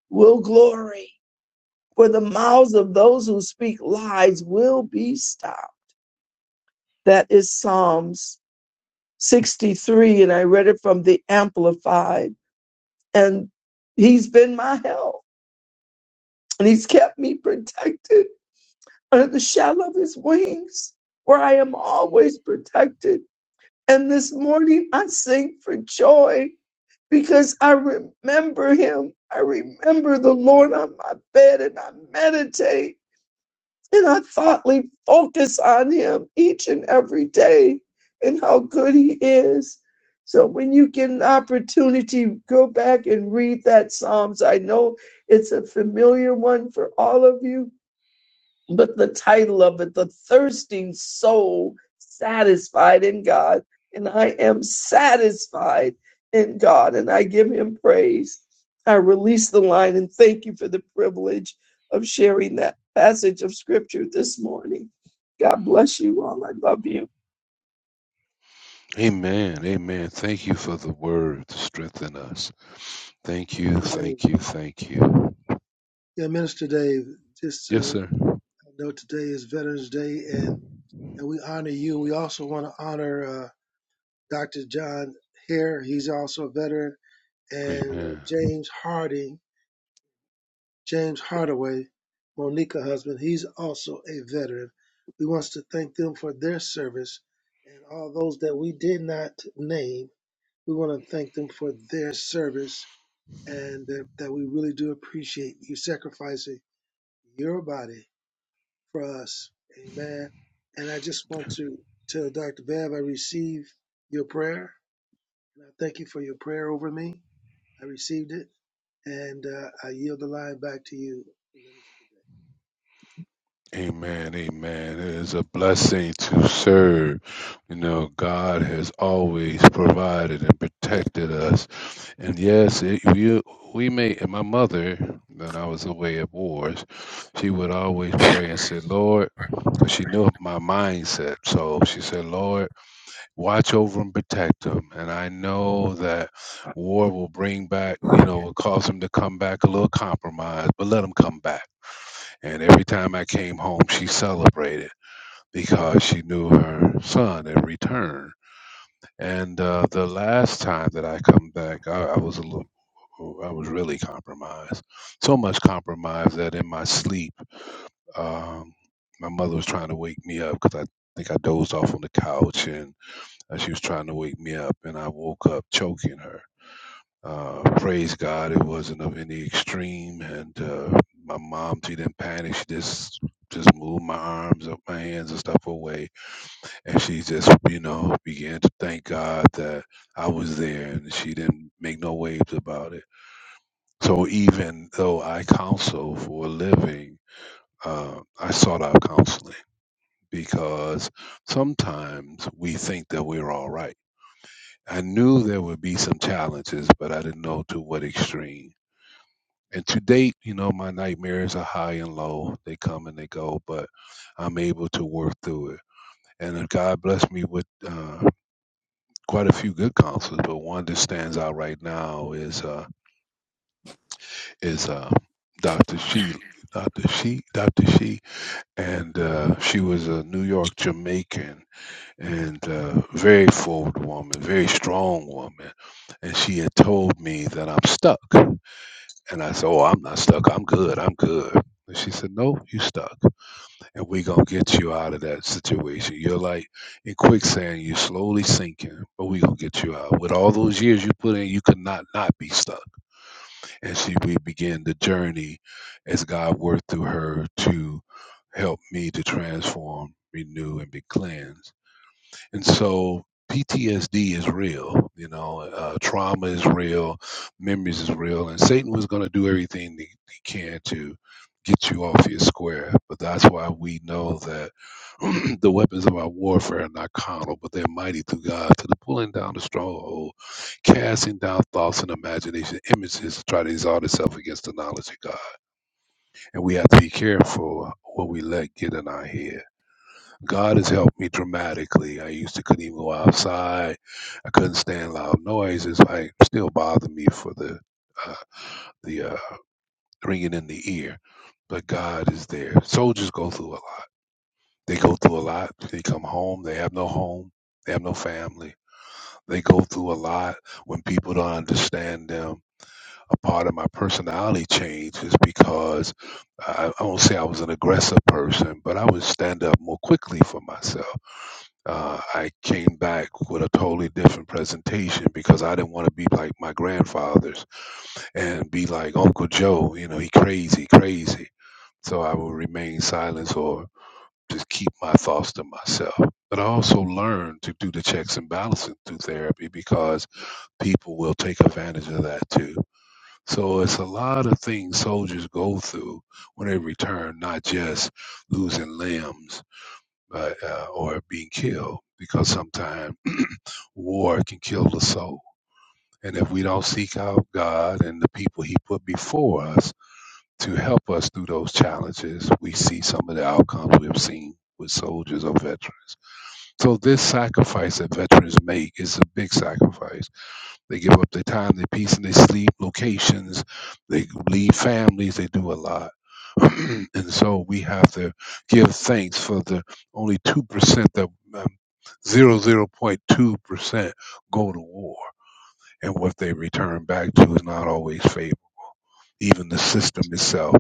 [SPEAKER 4] will glory for the mouths of those who speak lies will be stopped. That is Psalms 63, and I read it from the Amplified. And he's been my help, and he's kept me protected under the shadow of his wings, where I am always protected. And this morning I sing for joy because I remember him. I remember the Lord on my bed and I meditate. And I thoughtfully focus on him each and every day and how good he is. So when you get an opportunity, go back and read that Psalms. I know it's a familiar one for all of you, but the title of it, The Thirsting Soul Satisfied in God. And I am satisfied in God and I give him praise. I release the line and thank you for the privilege of sharing that passage of scripture this morning. God bless you all. I love you.
[SPEAKER 5] you.
[SPEAKER 3] Amen. Amen. Thank you for the word to strengthen us. Thank you.
[SPEAKER 5] Minister Dave.
[SPEAKER 3] Thank you. Thank you.
[SPEAKER 5] Yeah, Minister Dave, just
[SPEAKER 3] Yes,
[SPEAKER 5] uh,
[SPEAKER 3] sir.
[SPEAKER 5] I know today is Veterans Day, and, and we honor you. We also want to honor uh, Dr. John Hare. He's also a veteran, and uh,
[SPEAKER 3] Amen.
[SPEAKER 5] James Harding, James Hardaway, Monica's husband. He's also a veteran. We want to thank them for their service, and all those that we did not name. We want to thank them for their service, and that, that we really do appreciate you sacrificing your body for us. Amen. And I just want to tell Dr. Bev, I receive your prayer. And I thank you for your prayer over me. I received it. And uh, I yield the line back to you. Minister.
[SPEAKER 3] Amen. Amen. It is a blessing to serve. You know, God has always provided and protected us. And yes, it, we, we may, and my mother, when I was away at wars, she would always pray and say, Lord, because she knew my mindset. So she said, Lord, watch over and protect them. And I know that war will bring back, you know, will cause them to come back a little compromised, but let them come back And every time I came home, she celebrated because she knew her son had returned. And uh, the last time that I come back, I, I was a little, oh, I was really compromised. So much compromised that in my sleep, um, my mother was trying to wake me up because I think I dozed off on the couch, and uh, she was trying to wake me up, and I woke up choking her uh, praise God, it wasn't of any extreme. And uh, my mom, she didn't panic. She just just moved my arms, up my hands, and stuff away. And she just, you know, began to thank God that I was there, and she didn't make no waves about it. So even though I counsel for a living, uh, I sought out counseling because sometimes we think that we're all right. I knew there would be some challenges, but I didn't know to what extreme And to date, you know, my nightmares are high and low. They come and they go, but I'm able to work through it. And uh, God blessed me with uh, quite a few good counselors, but one that stands out right now is uh, is uh, Dr. She, Dr. She, Dr. She, and uh, she was a New York Jamaican and uh, very forward woman, very strong woman. And she had told me that I'm stuck, and I said, "Oh, I'm not stuck. I'm good. I'm good." And she said, "No, you stuck." and we gonna get you out of that situation. You're like in quicksand, you're slowly sinking, but we gonna get you out. With all those years you put in, you could not not be stuck. And she we began the journey as God worked through her to help me to transform, renew, and be cleansed. And so PTSD is real, you know, uh, trauma is real, memories is real, and Satan was going to do everything that he can to get you off your square. But that's why we know that the weapons of our warfare are not carnal, but they're mighty through God to the pulling down the stronghold, casting down thoughts and imagination, images to try to exalt itself against the knowledge of God. And we have to be careful what we let get in our head God has helped me dramatically. I used to couldn't even go outside. I couldn't stand loud noises. I still bother me for the uh, the uh, ringing in the ear, but God is there. Soldiers go through a lot. They go through a lot. They come home. They have no home. They have no family. They go through a lot when people don't understand them. A part of my personality change is because I, I won't say I was an aggressive person, but I would stand up more quickly for myself uh, I came back with a totally different presentation because I didn't want to be like my grandfathers and be like Uncle Joe, you know, he crazy, crazy. So I would remain silent or just keep my thoughts to myself. But I also learned to do the checks and balances through therapy because people will take advantage of that too. So it's a lot of things soldiers go through when they return, not just losing limbs uh, uh, or being killed because sometimes war can kill the soul. And if we don't seek out God and the people He put before us to help us through those challenges, we see some of the outcomes we have seen with soldiers or veterans. So, this sacrifice that veterans make is a big sacrifice. They give up their time, their peace, and their sleep, locations, they leave families, they do a lot. and so, we have to give thanks for the only 2% that. uh, zero zero point two percent go to war, and what they return back to is not always favorable. Even the system itself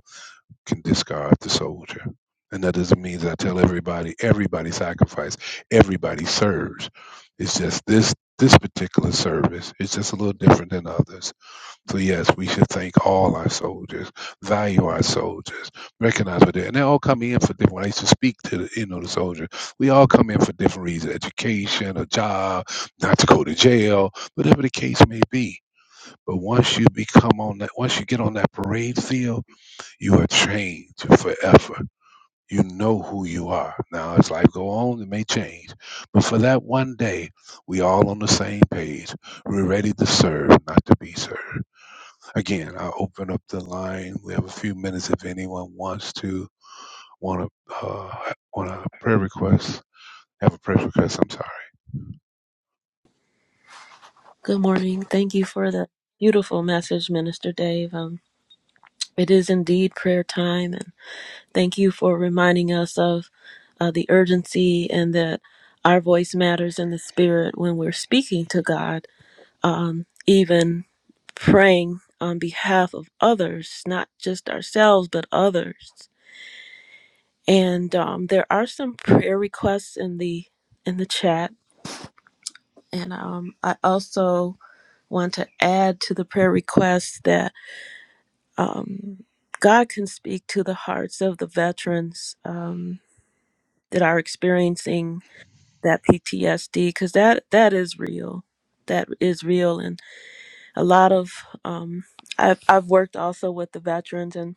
[SPEAKER 3] can discard the soldier, and that doesn't mean that I tell everybody everybody sacrifices, everybody serves. It's just this this particular service is just a little different than others. So yes, we should thank all our soldiers, value our soldiers, recognize what they and they all come in for different. When I used to speak to the, you know the soldiers, we all come in for different reasons: education, a job, not to go to jail, whatever the case may be. But once you become on that, once you get on that parade field, you are changed forever. You know who you are. Now, as life go on, it may change, but for that one day, we all on the same page. We're ready to serve, not to be served. Again, I'll open up the line. We have a few minutes if anyone wants to want to uh, want a prayer request. Have a prayer request. I'm sorry.
[SPEAKER 7] Good morning. Thank you for the beautiful message, Minister Dave. Um, it is indeed prayer time, and thank you for reminding us of uh, the urgency and that our voice matters in the spirit when we're speaking to God, um, even praying on behalf of others, not just ourselves, but others. And um, there are some prayer requests in the in the chat, and um, I also want to add to the prayer requests that Um, God can speak to the hearts of the veterans um, that are experiencing that PTSD because that that is real. That is real, and a lot of um, I've I've worked also with the veterans, and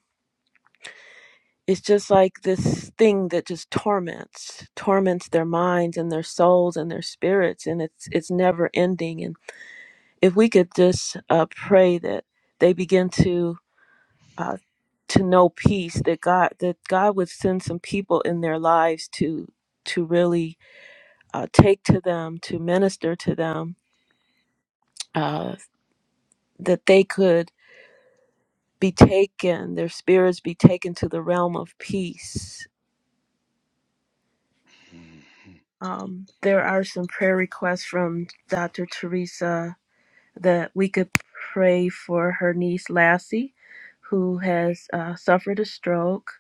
[SPEAKER 7] it's just like this thing that just torments torments their minds and their souls and their spirits, and it's it's never ending. And if we could just uh, pray that they begin to uh, to know peace that God that God would send some people in their lives to to really uh, take to them to minister to them uh, that they could be taken their spirits be taken to the realm of peace.
[SPEAKER 3] Mhm.
[SPEAKER 7] Um, there are some prayer requests from Dr. Teresa that we could pray for her niece Lassie, who has uh, suffered a stroke.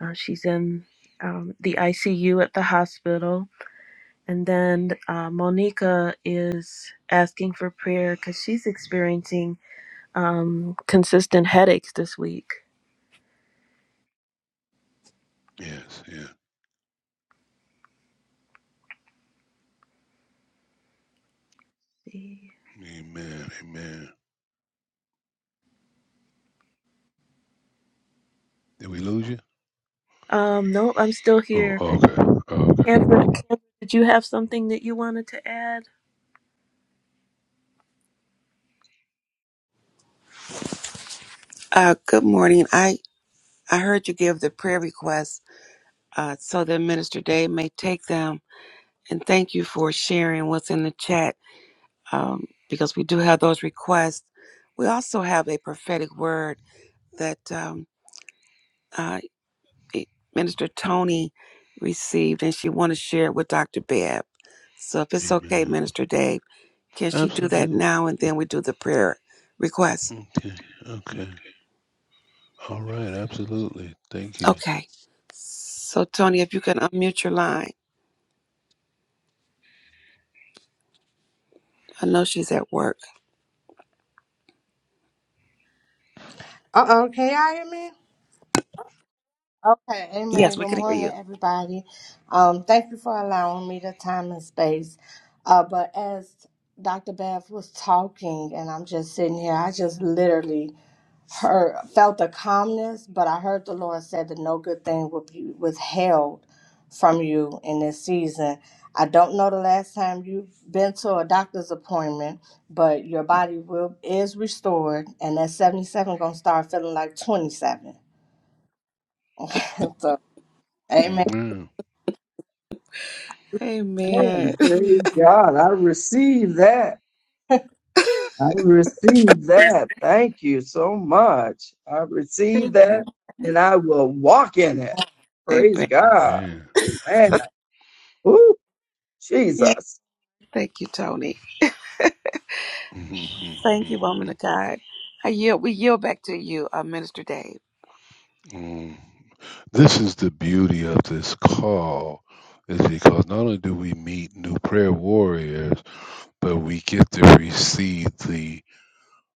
[SPEAKER 7] Uh, she's in um, the ICU at the hospital And then uh, Monica is asking for prayer because she's experiencing um, consistent headaches this week.
[SPEAKER 3] Yes. Yeah.
[SPEAKER 7] See.
[SPEAKER 3] Amen. Amen. Did we lose you?
[SPEAKER 7] Um, no, I'm still
[SPEAKER 3] Oh.
[SPEAKER 7] here.
[SPEAKER 3] Okay. Okay.
[SPEAKER 7] Kendra, Kendra, did you have something that you wanted to add?
[SPEAKER 1] Uh, good morning. I I heard you give the prayer requests uh, so that Minister Dave may take them. And thank you for sharing what's in the chat um, because we do have those requests. We also have a prophetic word that um, uh, eh, Minister Tony received, and she want to share it with Dr. Babb. So if it's okay,
[SPEAKER 3] Amen.
[SPEAKER 1] Minister Dave, can she do that
[SPEAKER 3] Absolutely.
[SPEAKER 1] now, and then we do the prayer request?
[SPEAKER 3] Okay. Okay. All right. Absolutely. Thank you.
[SPEAKER 1] Okay. So Tony, if you can unmute your line, I know she's at work.
[SPEAKER 8] Uh-oh, okay, I hear me. Okay, amen.
[SPEAKER 1] Yes, we
[SPEAKER 8] Good
[SPEAKER 1] can hear
[SPEAKER 8] morning,
[SPEAKER 1] you.
[SPEAKER 8] everybody. Um, thank you for allowing me the time and space. Uh, but as Dr. Bev was talking, and I'm just sitting here, I just literally heard, felt the calmness, but I heard the Lord said that no good thing will be withheld from you in this season. I don't know the last time you've been to a doctor's appointment, but your body will is restored, and that 77 gonna start feeling like 27 So, amen.
[SPEAKER 3] Amen.
[SPEAKER 1] Amen.
[SPEAKER 4] Man, praise
[SPEAKER 7] Mm.
[SPEAKER 4] God. I receive that. I receive that. Thank you so much. I receive that
[SPEAKER 1] Amen.
[SPEAKER 4] and I will walk in it. Praise
[SPEAKER 1] Amen.
[SPEAKER 4] God.
[SPEAKER 3] Amen.
[SPEAKER 4] Amen. Ooh,
[SPEAKER 1] Yeah.
[SPEAKER 4] Jesus.
[SPEAKER 1] Thank you, Tony. Thank you, woman of
[SPEAKER 3] Mm-hmm.
[SPEAKER 1] God. I yield, we yield back to you, uh, Minister Dave.
[SPEAKER 3] This is the beauty of this call, is because not only do we meet new prayer warriors, but we get to receive the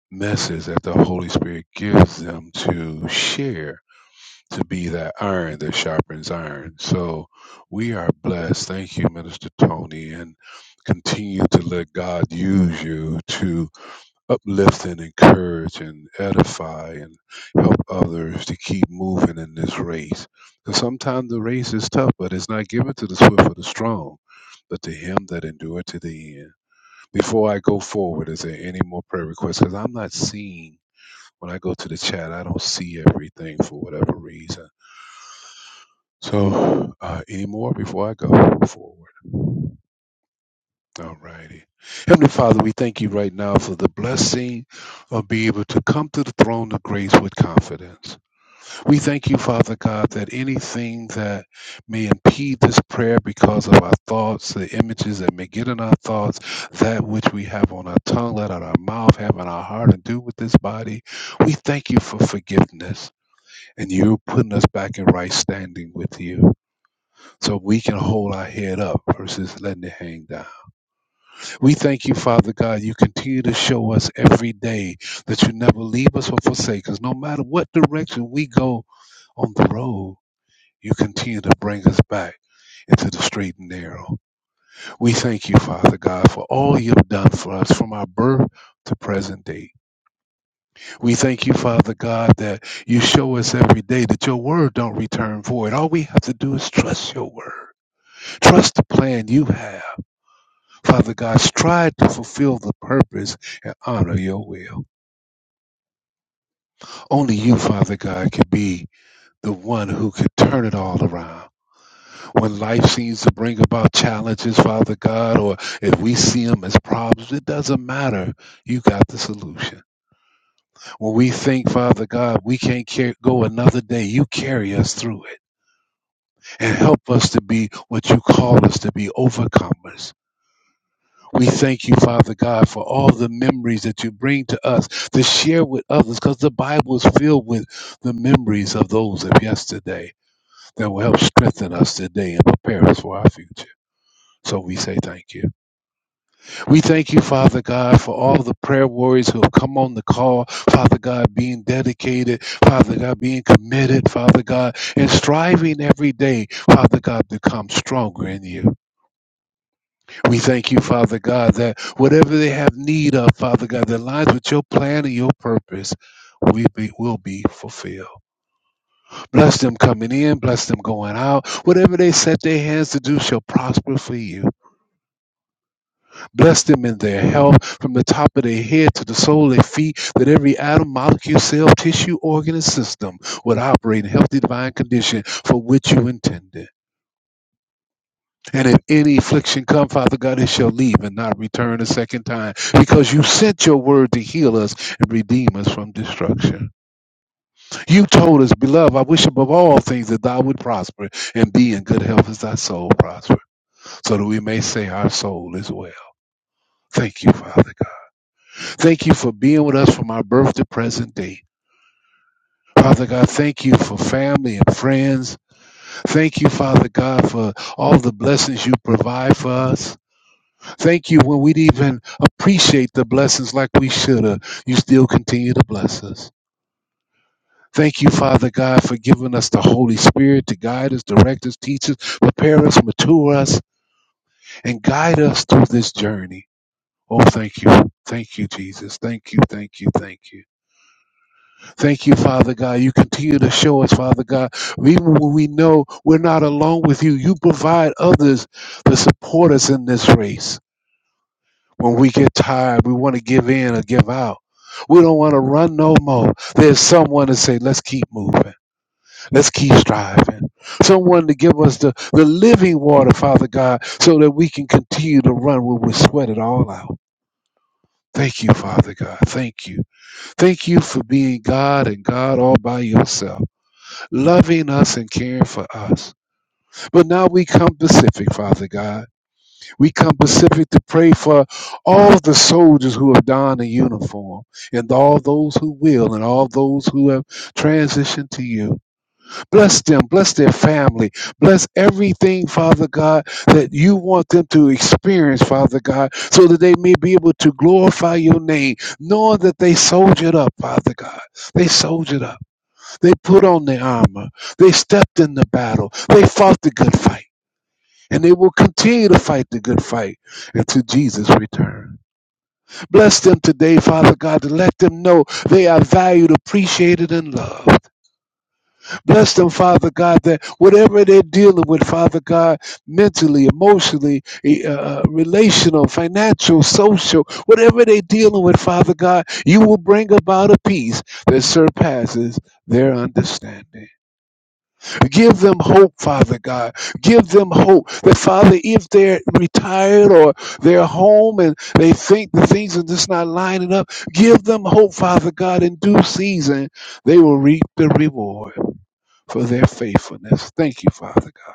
[SPEAKER 3] message that the Holy Spirit gives them to share, to be that iron that sharpens iron. So we are blessed. Thank you, Minister Tony, and continue to let God use you to uplift and encourage and edify and help others to keep moving in this race. And sometimes the race is tough, but it's not given to the swift or the strong, but to him that endure to the end. Before I go forward, is there any more prayer requests? Because I'm not seeing when I go to the chat, I don't see everything for whatever reason. So, uh, any more before I go forward? All righty. Heavenly Father, we thank you right now for the blessing of being able to come to the throne of grace with confidence. We thank you, Father God, that anything that may impede this prayer because of our thoughts, the images that may get in our thoughts, that which we have on our tongue, let out our mouth, have in our heart, and do with this body, we thank you for forgiveness and you putting us back in right standing with you so we can hold our head up versus letting it hang down. We thank you, Father God. You continue to show us every day that you never leave us or forsake us. No matter what direction we go on the road, you continue to bring us back into the straight and narrow. We thank you, Father God, for all you've done for us from our birth to present day. We thank you, Father God, that you show us every day that your word don't return void. All we have to do is trust your word. Trust the plan you have Father God, strive to fulfill the purpose and honor your will. Only you, Father God, can be the one who can turn it all around. When life seems to bring about challenges, Father God, or if we see them as problems, it doesn't matter. You got the solution. When we think, Father God, we can't car- go another day, you carry us through it and help us to be what you call us to be overcomers. We thank you, Father God, for all the memories that you bring to us to share with others, because the Bible is filled with the memories of those of yesterday that will help strengthen us today and prepare us for our future. So we say thank you. We thank you, Father God, for all the prayer warriors who have come on the call, Father God, being dedicated, Father God, being committed, Father God, and striving every day, Father God, to come stronger in you. We thank you, Father God, that whatever they have need of, Father God, that lies with your plan and your purpose, we be, will be fulfilled. Bless them coming in, bless them going out. Whatever they set their hands to do shall prosper for you. Bless them in their health, from the top of their head to the sole of their feet, that every atom, molecule, cell, tissue, organ, and system would operate in healthy divine condition for which you intended. And if any affliction come, Father God, it shall leave and not return a second time, because you sent your word to heal us and redeem us from destruction. You told us, beloved, I wish above all things that thou would prosper and be in good health as thy soul prosper, so that we may say our soul is well. Thank you, Father God. Thank you for being with us from our birth to present day. Father God, thank you for family and friends. Thank you, Father God, for all the blessings you provide for us. Thank you when we'd even appreciate the blessings like we should have. You still continue to bless us. Thank you, Father God, for giving us the Holy Spirit to guide us, direct us, teach us, prepare us, mature us, and guide us through this journey. Oh, thank you. Thank you, Jesus. Thank you, thank you, thank you. Thank you, Father God. You continue to show us, Father God, even when we know we're not alone with you, you provide others to support us in this race. When we get tired, we want to give in or give out. We don't want to run no more. There's someone to say, let's keep moving. Let's keep striving. Someone to give us the, the living water, Father God, so that we can continue to run when we sweat it all out. Thank you, Father God. Thank you. Thank you for being God and God all by yourself, loving us and caring for us. But now we come specific, Father God. We come specifically to pray for all the soldiers who have donned a uniform, and all those who will, and all those who have transitioned to you. Bless them, bless their family, bless everything, Father God, that you want them to experience, Father God, so that they may be able to glorify your name, knowing that they soldiered up, Father God. They soldiered up. They put on the armor. They stepped in the battle. They fought the good fight and they will continue to fight the good fight until Jesus returns. Bless them today, Father God, to let them know they are valued, appreciated, and loved. Bless them, Father God, that whatever they're dealing with, Father God, mentally, emotionally, eh, uh, uh, relational, financial, social, whatever they're dealing with, Father God, you will bring about a peace that surpasses their understanding. Give them hope, Father God. Give them hope that, Father, if they're retired or they're home and they think the things are just not lining up, give them hope, Father God. In due season, they will reap the reward for their faithfulness. Thank you, Father God.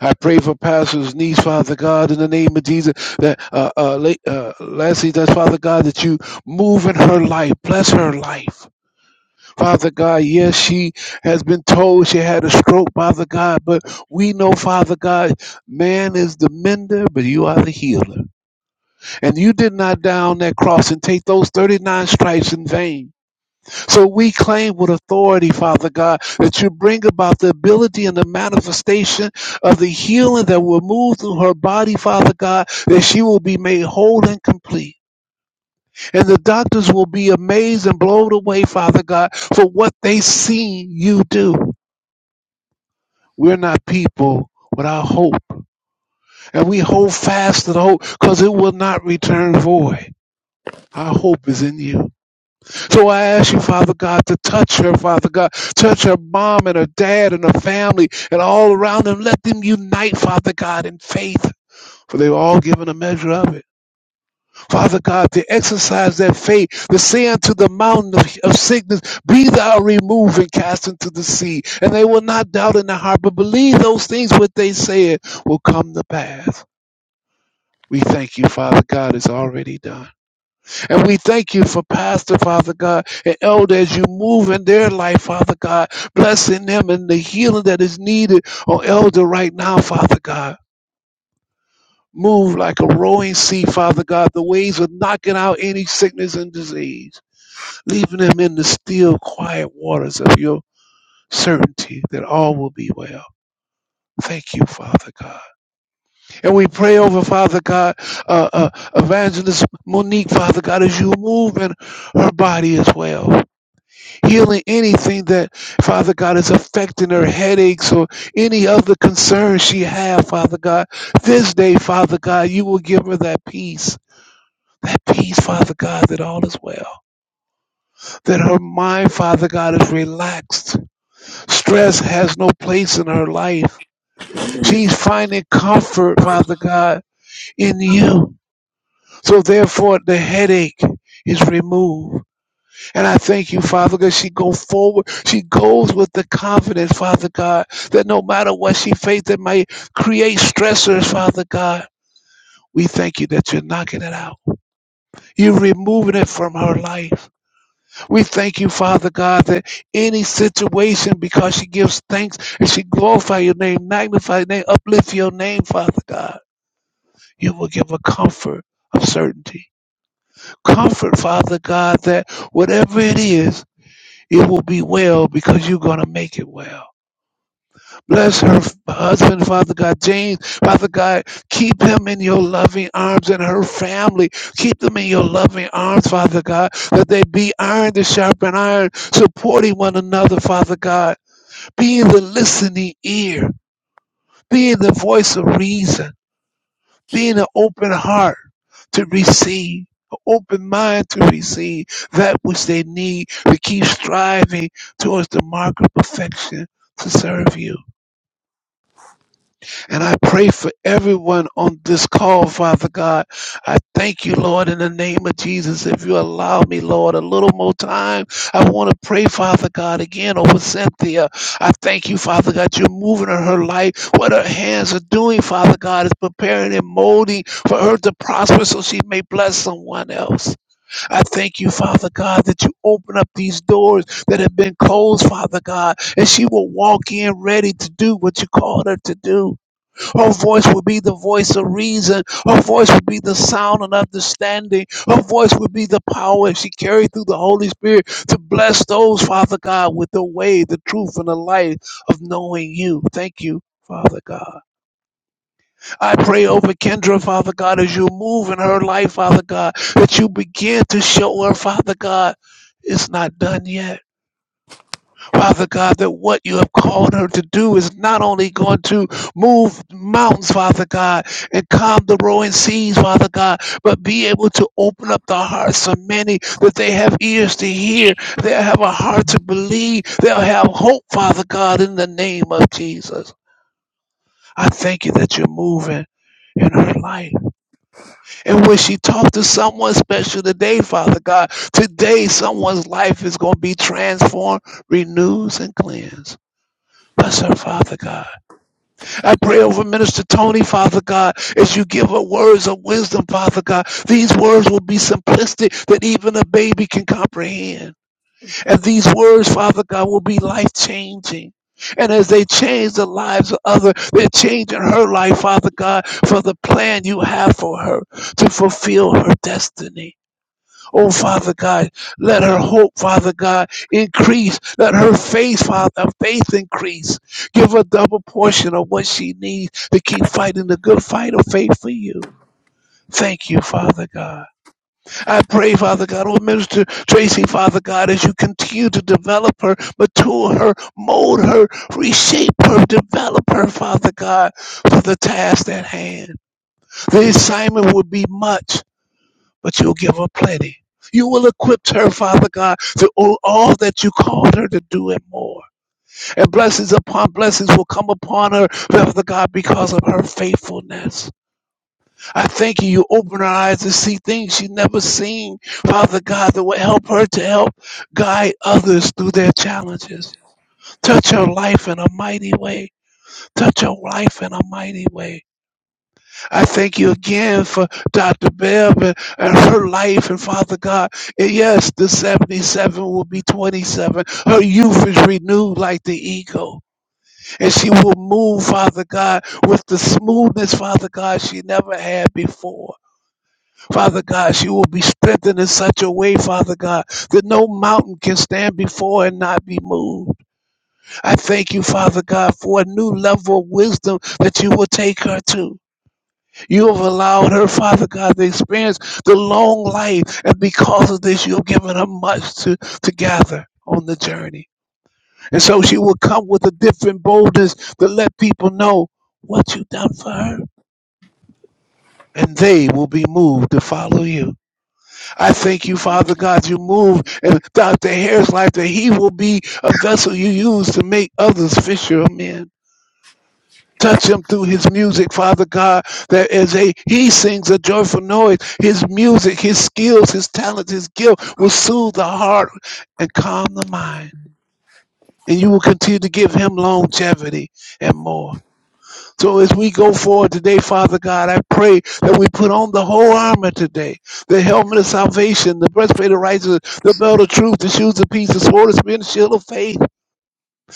[SPEAKER 3] I pray for Pastor's niece, Father God, in the name of Jesus, that uh, uh, La- uh, Lassie does, Father God, that you move in her life, bless her life. Father God, yes, she has been told she had a stroke, Father God, but we know, Father God, man is the mender, but you are the healer. And you did not down that cross and take those 39 stripes in vain. So we claim with authority, Father God, that you bring about the ability and the manifestation of the healing that will move through her body, Father God, that she will be made whole and complete. And the doctors will be amazed and blown away, Father God, for what they see you do. We're not people without hope. And we hold fast to the hope because it will not return void. Our hope is in you. So I ask you, Father God, to touch her, Father God. Touch her mom and her dad and her family and all around them. Let them unite, Father God, in faith, for they've all given a measure of it. Father God, to exercise that faith, to say unto the mountain of, of sickness, Be thou removed and cast into the sea. And they will not doubt in their heart, but believe those things what they said will come to pass. We thank you, Father God, it's already done. And we thank you for Pastor, Father God, and Elder as you move in their life, Father God, blessing them and the healing that is needed on Elder right now, Father God. Move like a roaring sea, Father God, the waves of knocking out any sickness and disease. leaving them in the still quiet waters of your certainty that all will be well. Thank you, Father God. And we pray over, Father God, uh, uh, Evangelist Monique, Father God, as you move in her body as well. Healing anything that, Father God, is affecting her headaches or any other concerns she have, Father God. This day, Father God, you will give her that peace. That peace, Father God, that all is well. That her mind, Father God, is relaxed Stress has no place in her life. She's finding comfort, Father God, in you. So therefore, the headache is removed. And I thank you, Father, God. she go forward. She goes with the confidence, Father God, that no matter what she faces that might create stressors, Father God, we thank you that you're knocking it out. You're removing it from her life. We thank you, Father God, that any situation, because she gives thanks and she glorify your name, magnify your name, uplift your name, Father God, you will give a comfort of certainty. Comfort, Father God, that whatever it is, it will be well because you're going to make it well. Bless her f- husband, Father God. James, Father God, keep him in your loving arms and her family. Keep them in your loving arms, Father God, that they be iron to sharpen iron, supporting one another, Father God. Being the listening ear, being the voice of reason, being an open heart to receive. an Open mind to receive that which they need to keep striving towards the mark of perfection to serve you. And I pray for everyone on this call, Father God. I thank you, Lord, in the name of Jesus. If you allow me, Lord, a little more time, I want to pray, Father God, again over Cynthia. I thank you, Father God, you're moving in her life. What her hands are doing, Father God, is preparing and molding for her to prosper so she may bless someone else. I thank you, Father God, that you open up these doors that have been closed, Father God, and she will walk in ready to do what you called her to do. Her voice will be the voice of reason. Her voice will be the sound and understanding. Her voice will be the power and she carried through the Holy Spirit to bless those, Father God, with the way, the truth, and the light of knowing you. Thank you. Father God, I pray over Kendra, Father God, as you move in her life, Father God, that you begin to show her, Father God, it's not done yet Father God, that what you have called her to do is not only going to move mountains, Father God, and calm the roaring seas, Father God, but be able to open up the hearts of many that they have ears to hear, they'll have a heart to believe, they'll have hope, Father God, in the name of Jesus. I thank you that you're moving in her life. And when she talked to someone special today, Father God, today someone's life is going to be transformed, renewed, and cleansed. Bless her, Father God. I pray over Minister Tony, Father God, as you give her words of wisdom, Father God. These words will be simplistic that even a baby can comprehend. And these words, Father God, will be life changing. And as they change the lives of others, they're changing her life, Father God, for the plan you have for her to fulfill her destiny. Oh, Father God, let her hope, Father God, increase. Let her faith, Father, faith increase. Give her double portion of what she needs to keep fighting the good fight of faith for you. Thank you, Father God. I pray, Father God, oh Minister Tracy, Father God, as you continue to develop her, mature her, mold her, reshape her, develop her, Father God, for the task at hand. The assignment will be much but you'll give her plenty. You will equip her, Father God, to all all that you called her to do and more. And blessings upon blessings will come upon her, Father God, because of her faithfulness. I thank you. You open her eyes to see things she's never seen, Father God, that will help her to help guide others through their challenges. Touch her life in a mighty way. Touch her life in a mighty way. I thank you again for Dr. Bev and, and her life and Father God. And yes, the 77 will be 27. Her youth is renewed like the eagle. And she will move, Father God, with the smoothness, Father God, she never had before. Father God, she will be strengthened in such a way, Father God, that no mountain can stand before and not be moved. I thank you, Father God, for a new level of wisdom that you will take her to. You have allowed her, Father God, to experience the long life. And because of this, you have given her much to, to gather on the journey. And so she will come with a different boldness to let people know what you've done for her. And they will be moved to follow you. I thank you, Father God, you move in Dr. Harris' life that he will be a vessel you use to make others fisher of men. Touch him through his music, Father God. That as a he sings a joyful noise, his music, his skills, his talents, his gift will soothe the heart and calm the mind. And you will continue to give him longevity and more. So as we go forward today, Father God, I pray that we put on the whole armor today. The helmet of salvation, the breastplate of righteousness, the belt of truth, the shoes of peace, the sword of spirit, and the shield of faith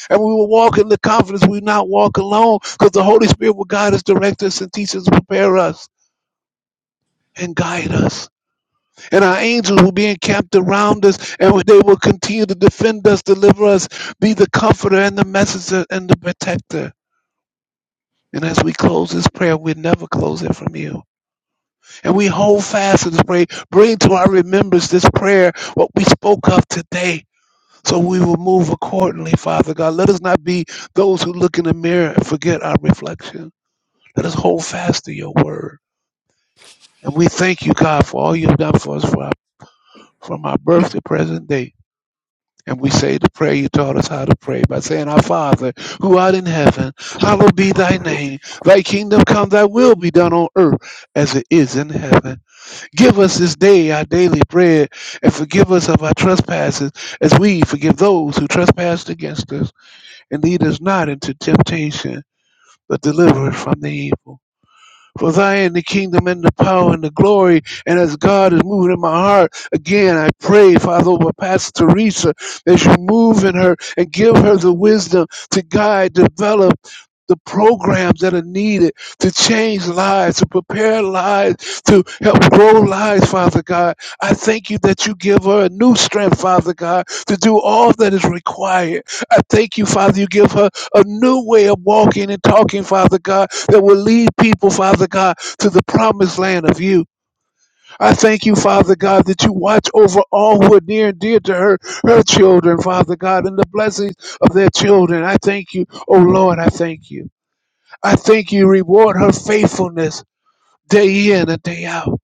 [SPEAKER 3] and we will walk in the confidence we not walk alone because the Holy Spirit will guide us, direct us, and teach us, prepare us, and guide us. And our angels will be encamped around us and they will continue to defend us, deliver us, be the comforter and the messenger and the protector. And as we close this prayer, we never close it from you. And we hold fast to this prayer. Bring to our remembrance this prayer, what we spoke of today. So we will move accordingly, Father God. Let us not be those who look in the mirror and forget our reflection Let us hold fast to your word. And we thank you, God, for all you've done for us for our, from our birth to present day. And we say the prayer you taught us how to pray by saying, Our Father, who art in heaven, hallowed be thy name. Thy kingdom come, thy will be done on earth as it is in heaven. Give us this day our daily bread, and forgive us of our trespasses as we forgive those who trespass against us. And lead us not into temptation, but deliver us from the evil. For thine the kingdom and the power and the glory. And as God is moving in my heart, again, I pray, Father, over Pastor Teresa, as you move in her and give her the wisdom to guide, develop the programs that are needed to change lives, to prepare lives, to help grow lives, Father God. I thank you that you give her a new strength, Father God, to do all that is required. I thank you, Father, you give her a new way of walking and talking, Father God that will lead people, Father God, to the promised land of you. I thank you, Father God, that you watch over all who are near and dear to her, her children, Father God, and the blessings of their children. I thank you, oh Lord, I thank you. I thank you, reward her faithfulness. Day in and day out.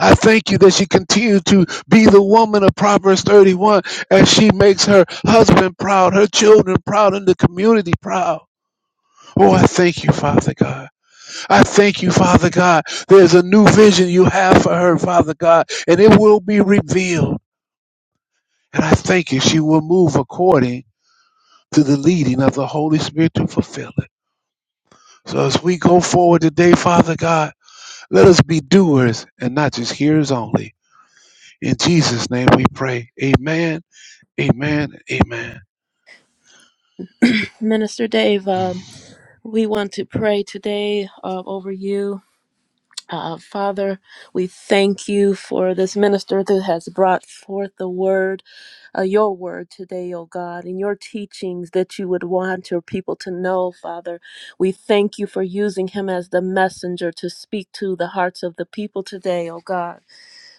[SPEAKER 3] I thank you that she continues to be the woman of Proverbs 31 as she makes her husband proud, her children proud, and the community proud. Oh, I thank you, Father God. I thank you, Father God. There's a new vision you have for her, Father God, and it will be revealed. And I thank you, she will move according to the leading of the Holy Spirit to fulfill it. So as we go forward today, Father God, let us be doers and not just hearers only. In Jesus' name we pray. Amen, amen, amen.
[SPEAKER 7] Minister Dave, um, we want to pray today uh, over you. Uh, Father, we thank you for this minister that has brought forth the word, uh, your word today, O God, and your teachings that you would want your people to know, Father. We thank you for using him as the messenger to speak to the hearts of the people today, O God.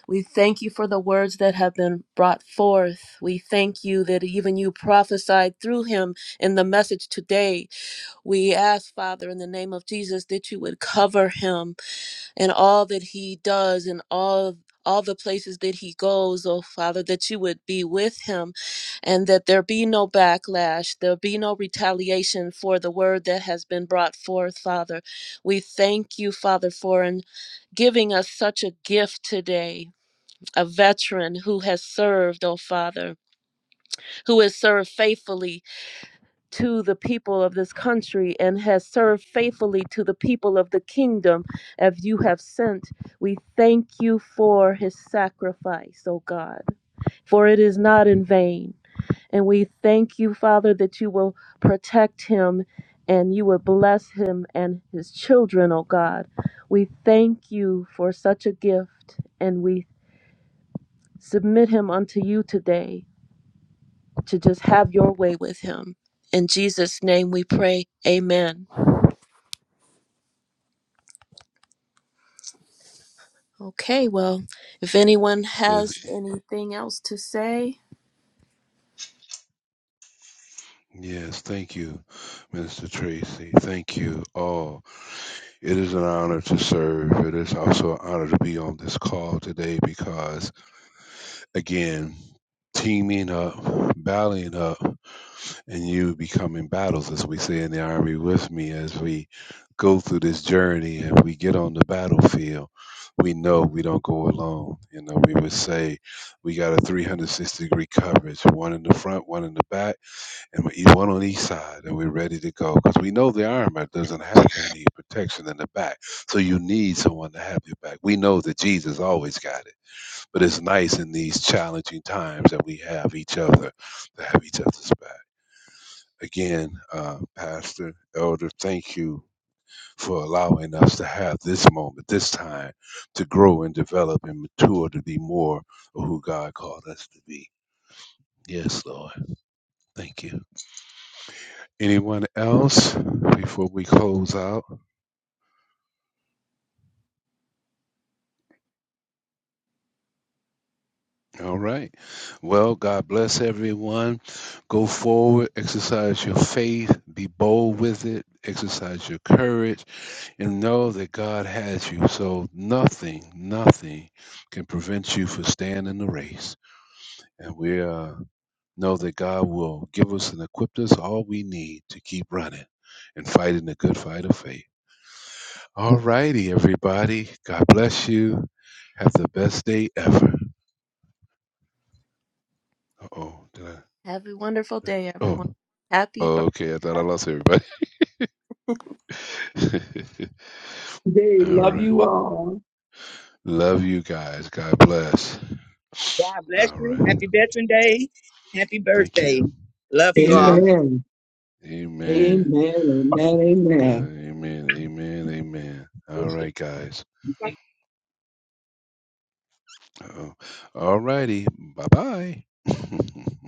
[SPEAKER 7] We thank you for the words that have been brought forth. We thank you that even you prophesied through him in the message today. We ask, Father, in the name of Jesus, that you would cover him and all that he does and all all the places that he goes, oh Father, that you would be with him and that there be no backlash, there be no retaliation for the word that has been brought forth, Father. We thank you, Father, for an giving us such a gift today, a veteran who has served, oh Father, who has served faithfully to the people of this country and has served faithfully to the people of the kingdom as you have sent. We thank you for his sacrifice, O God, for it is not in vain. And we thank you, Father, that you will protect him and you will bless him and his children, O God. We thank you for such a gift and we submit him unto you today to just have your way with him. In Jesus' name we pray. Amen. Okay, well, if anyone
[SPEAKER 3] Yes,
[SPEAKER 7] has anything else to say,
[SPEAKER 3] yes thank you, Minister Tracy. Thank you all. It is an honor to serve. It is also an honor to be on this call today because, again, teaming up, ballying up, and you becoming battles, as we say in the Army, with me as we go through this journey and we get on the battlefield. We know we don't go alone. You know, we would say we got a 360 degree coverage, one in the front, one in the back and we eat one on each side, and we're ready to go because we know the armor doesn't have any protection in the back. So you need someone to have your back. We know that Jesus always got it, but it's nice in these challenging times that we have each other to have each other's back. Again, uh, Pastor Elder, thank you for allowing us to have this moment, this time, to grow and develop and mature to be more of who God called us to be. Yes, Lord. Thank you. Anyone else before we close out? All right. Well, God bless everyone. Go forward, exercise your faith, be bold with it, exercise your courage, and know that God has you. So nothing, nothing can prevent you from staying in the race. And we uh, know that God will give us and equip us all we need to keep running and fighting the good fight of faith. All righty, everybody. God bless you. Have the best day ever. Oh, did I?
[SPEAKER 7] have a wonderful day, everyone.
[SPEAKER 3] Oh,
[SPEAKER 7] Happy birthday.
[SPEAKER 3] okay. I thought I
[SPEAKER 7] Happy-
[SPEAKER 3] lost everybody.
[SPEAKER 4] They
[SPEAKER 3] All
[SPEAKER 4] love
[SPEAKER 3] right.
[SPEAKER 4] you all.
[SPEAKER 3] Love you guys. God bless.
[SPEAKER 2] God bless
[SPEAKER 3] All
[SPEAKER 2] you.
[SPEAKER 3] right.
[SPEAKER 2] Happy Veteran Day. Happy
[SPEAKER 3] Thank you.
[SPEAKER 2] birthday. Love you all.
[SPEAKER 3] Yes.
[SPEAKER 4] Amen. Amen.
[SPEAKER 3] Amen.
[SPEAKER 4] Amen.
[SPEAKER 3] God,
[SPEAKER 4] Amen.
[SPEAKER 3] amen. Amen. Amen. All right, guys. Uh-oh. All righty. Bye bye.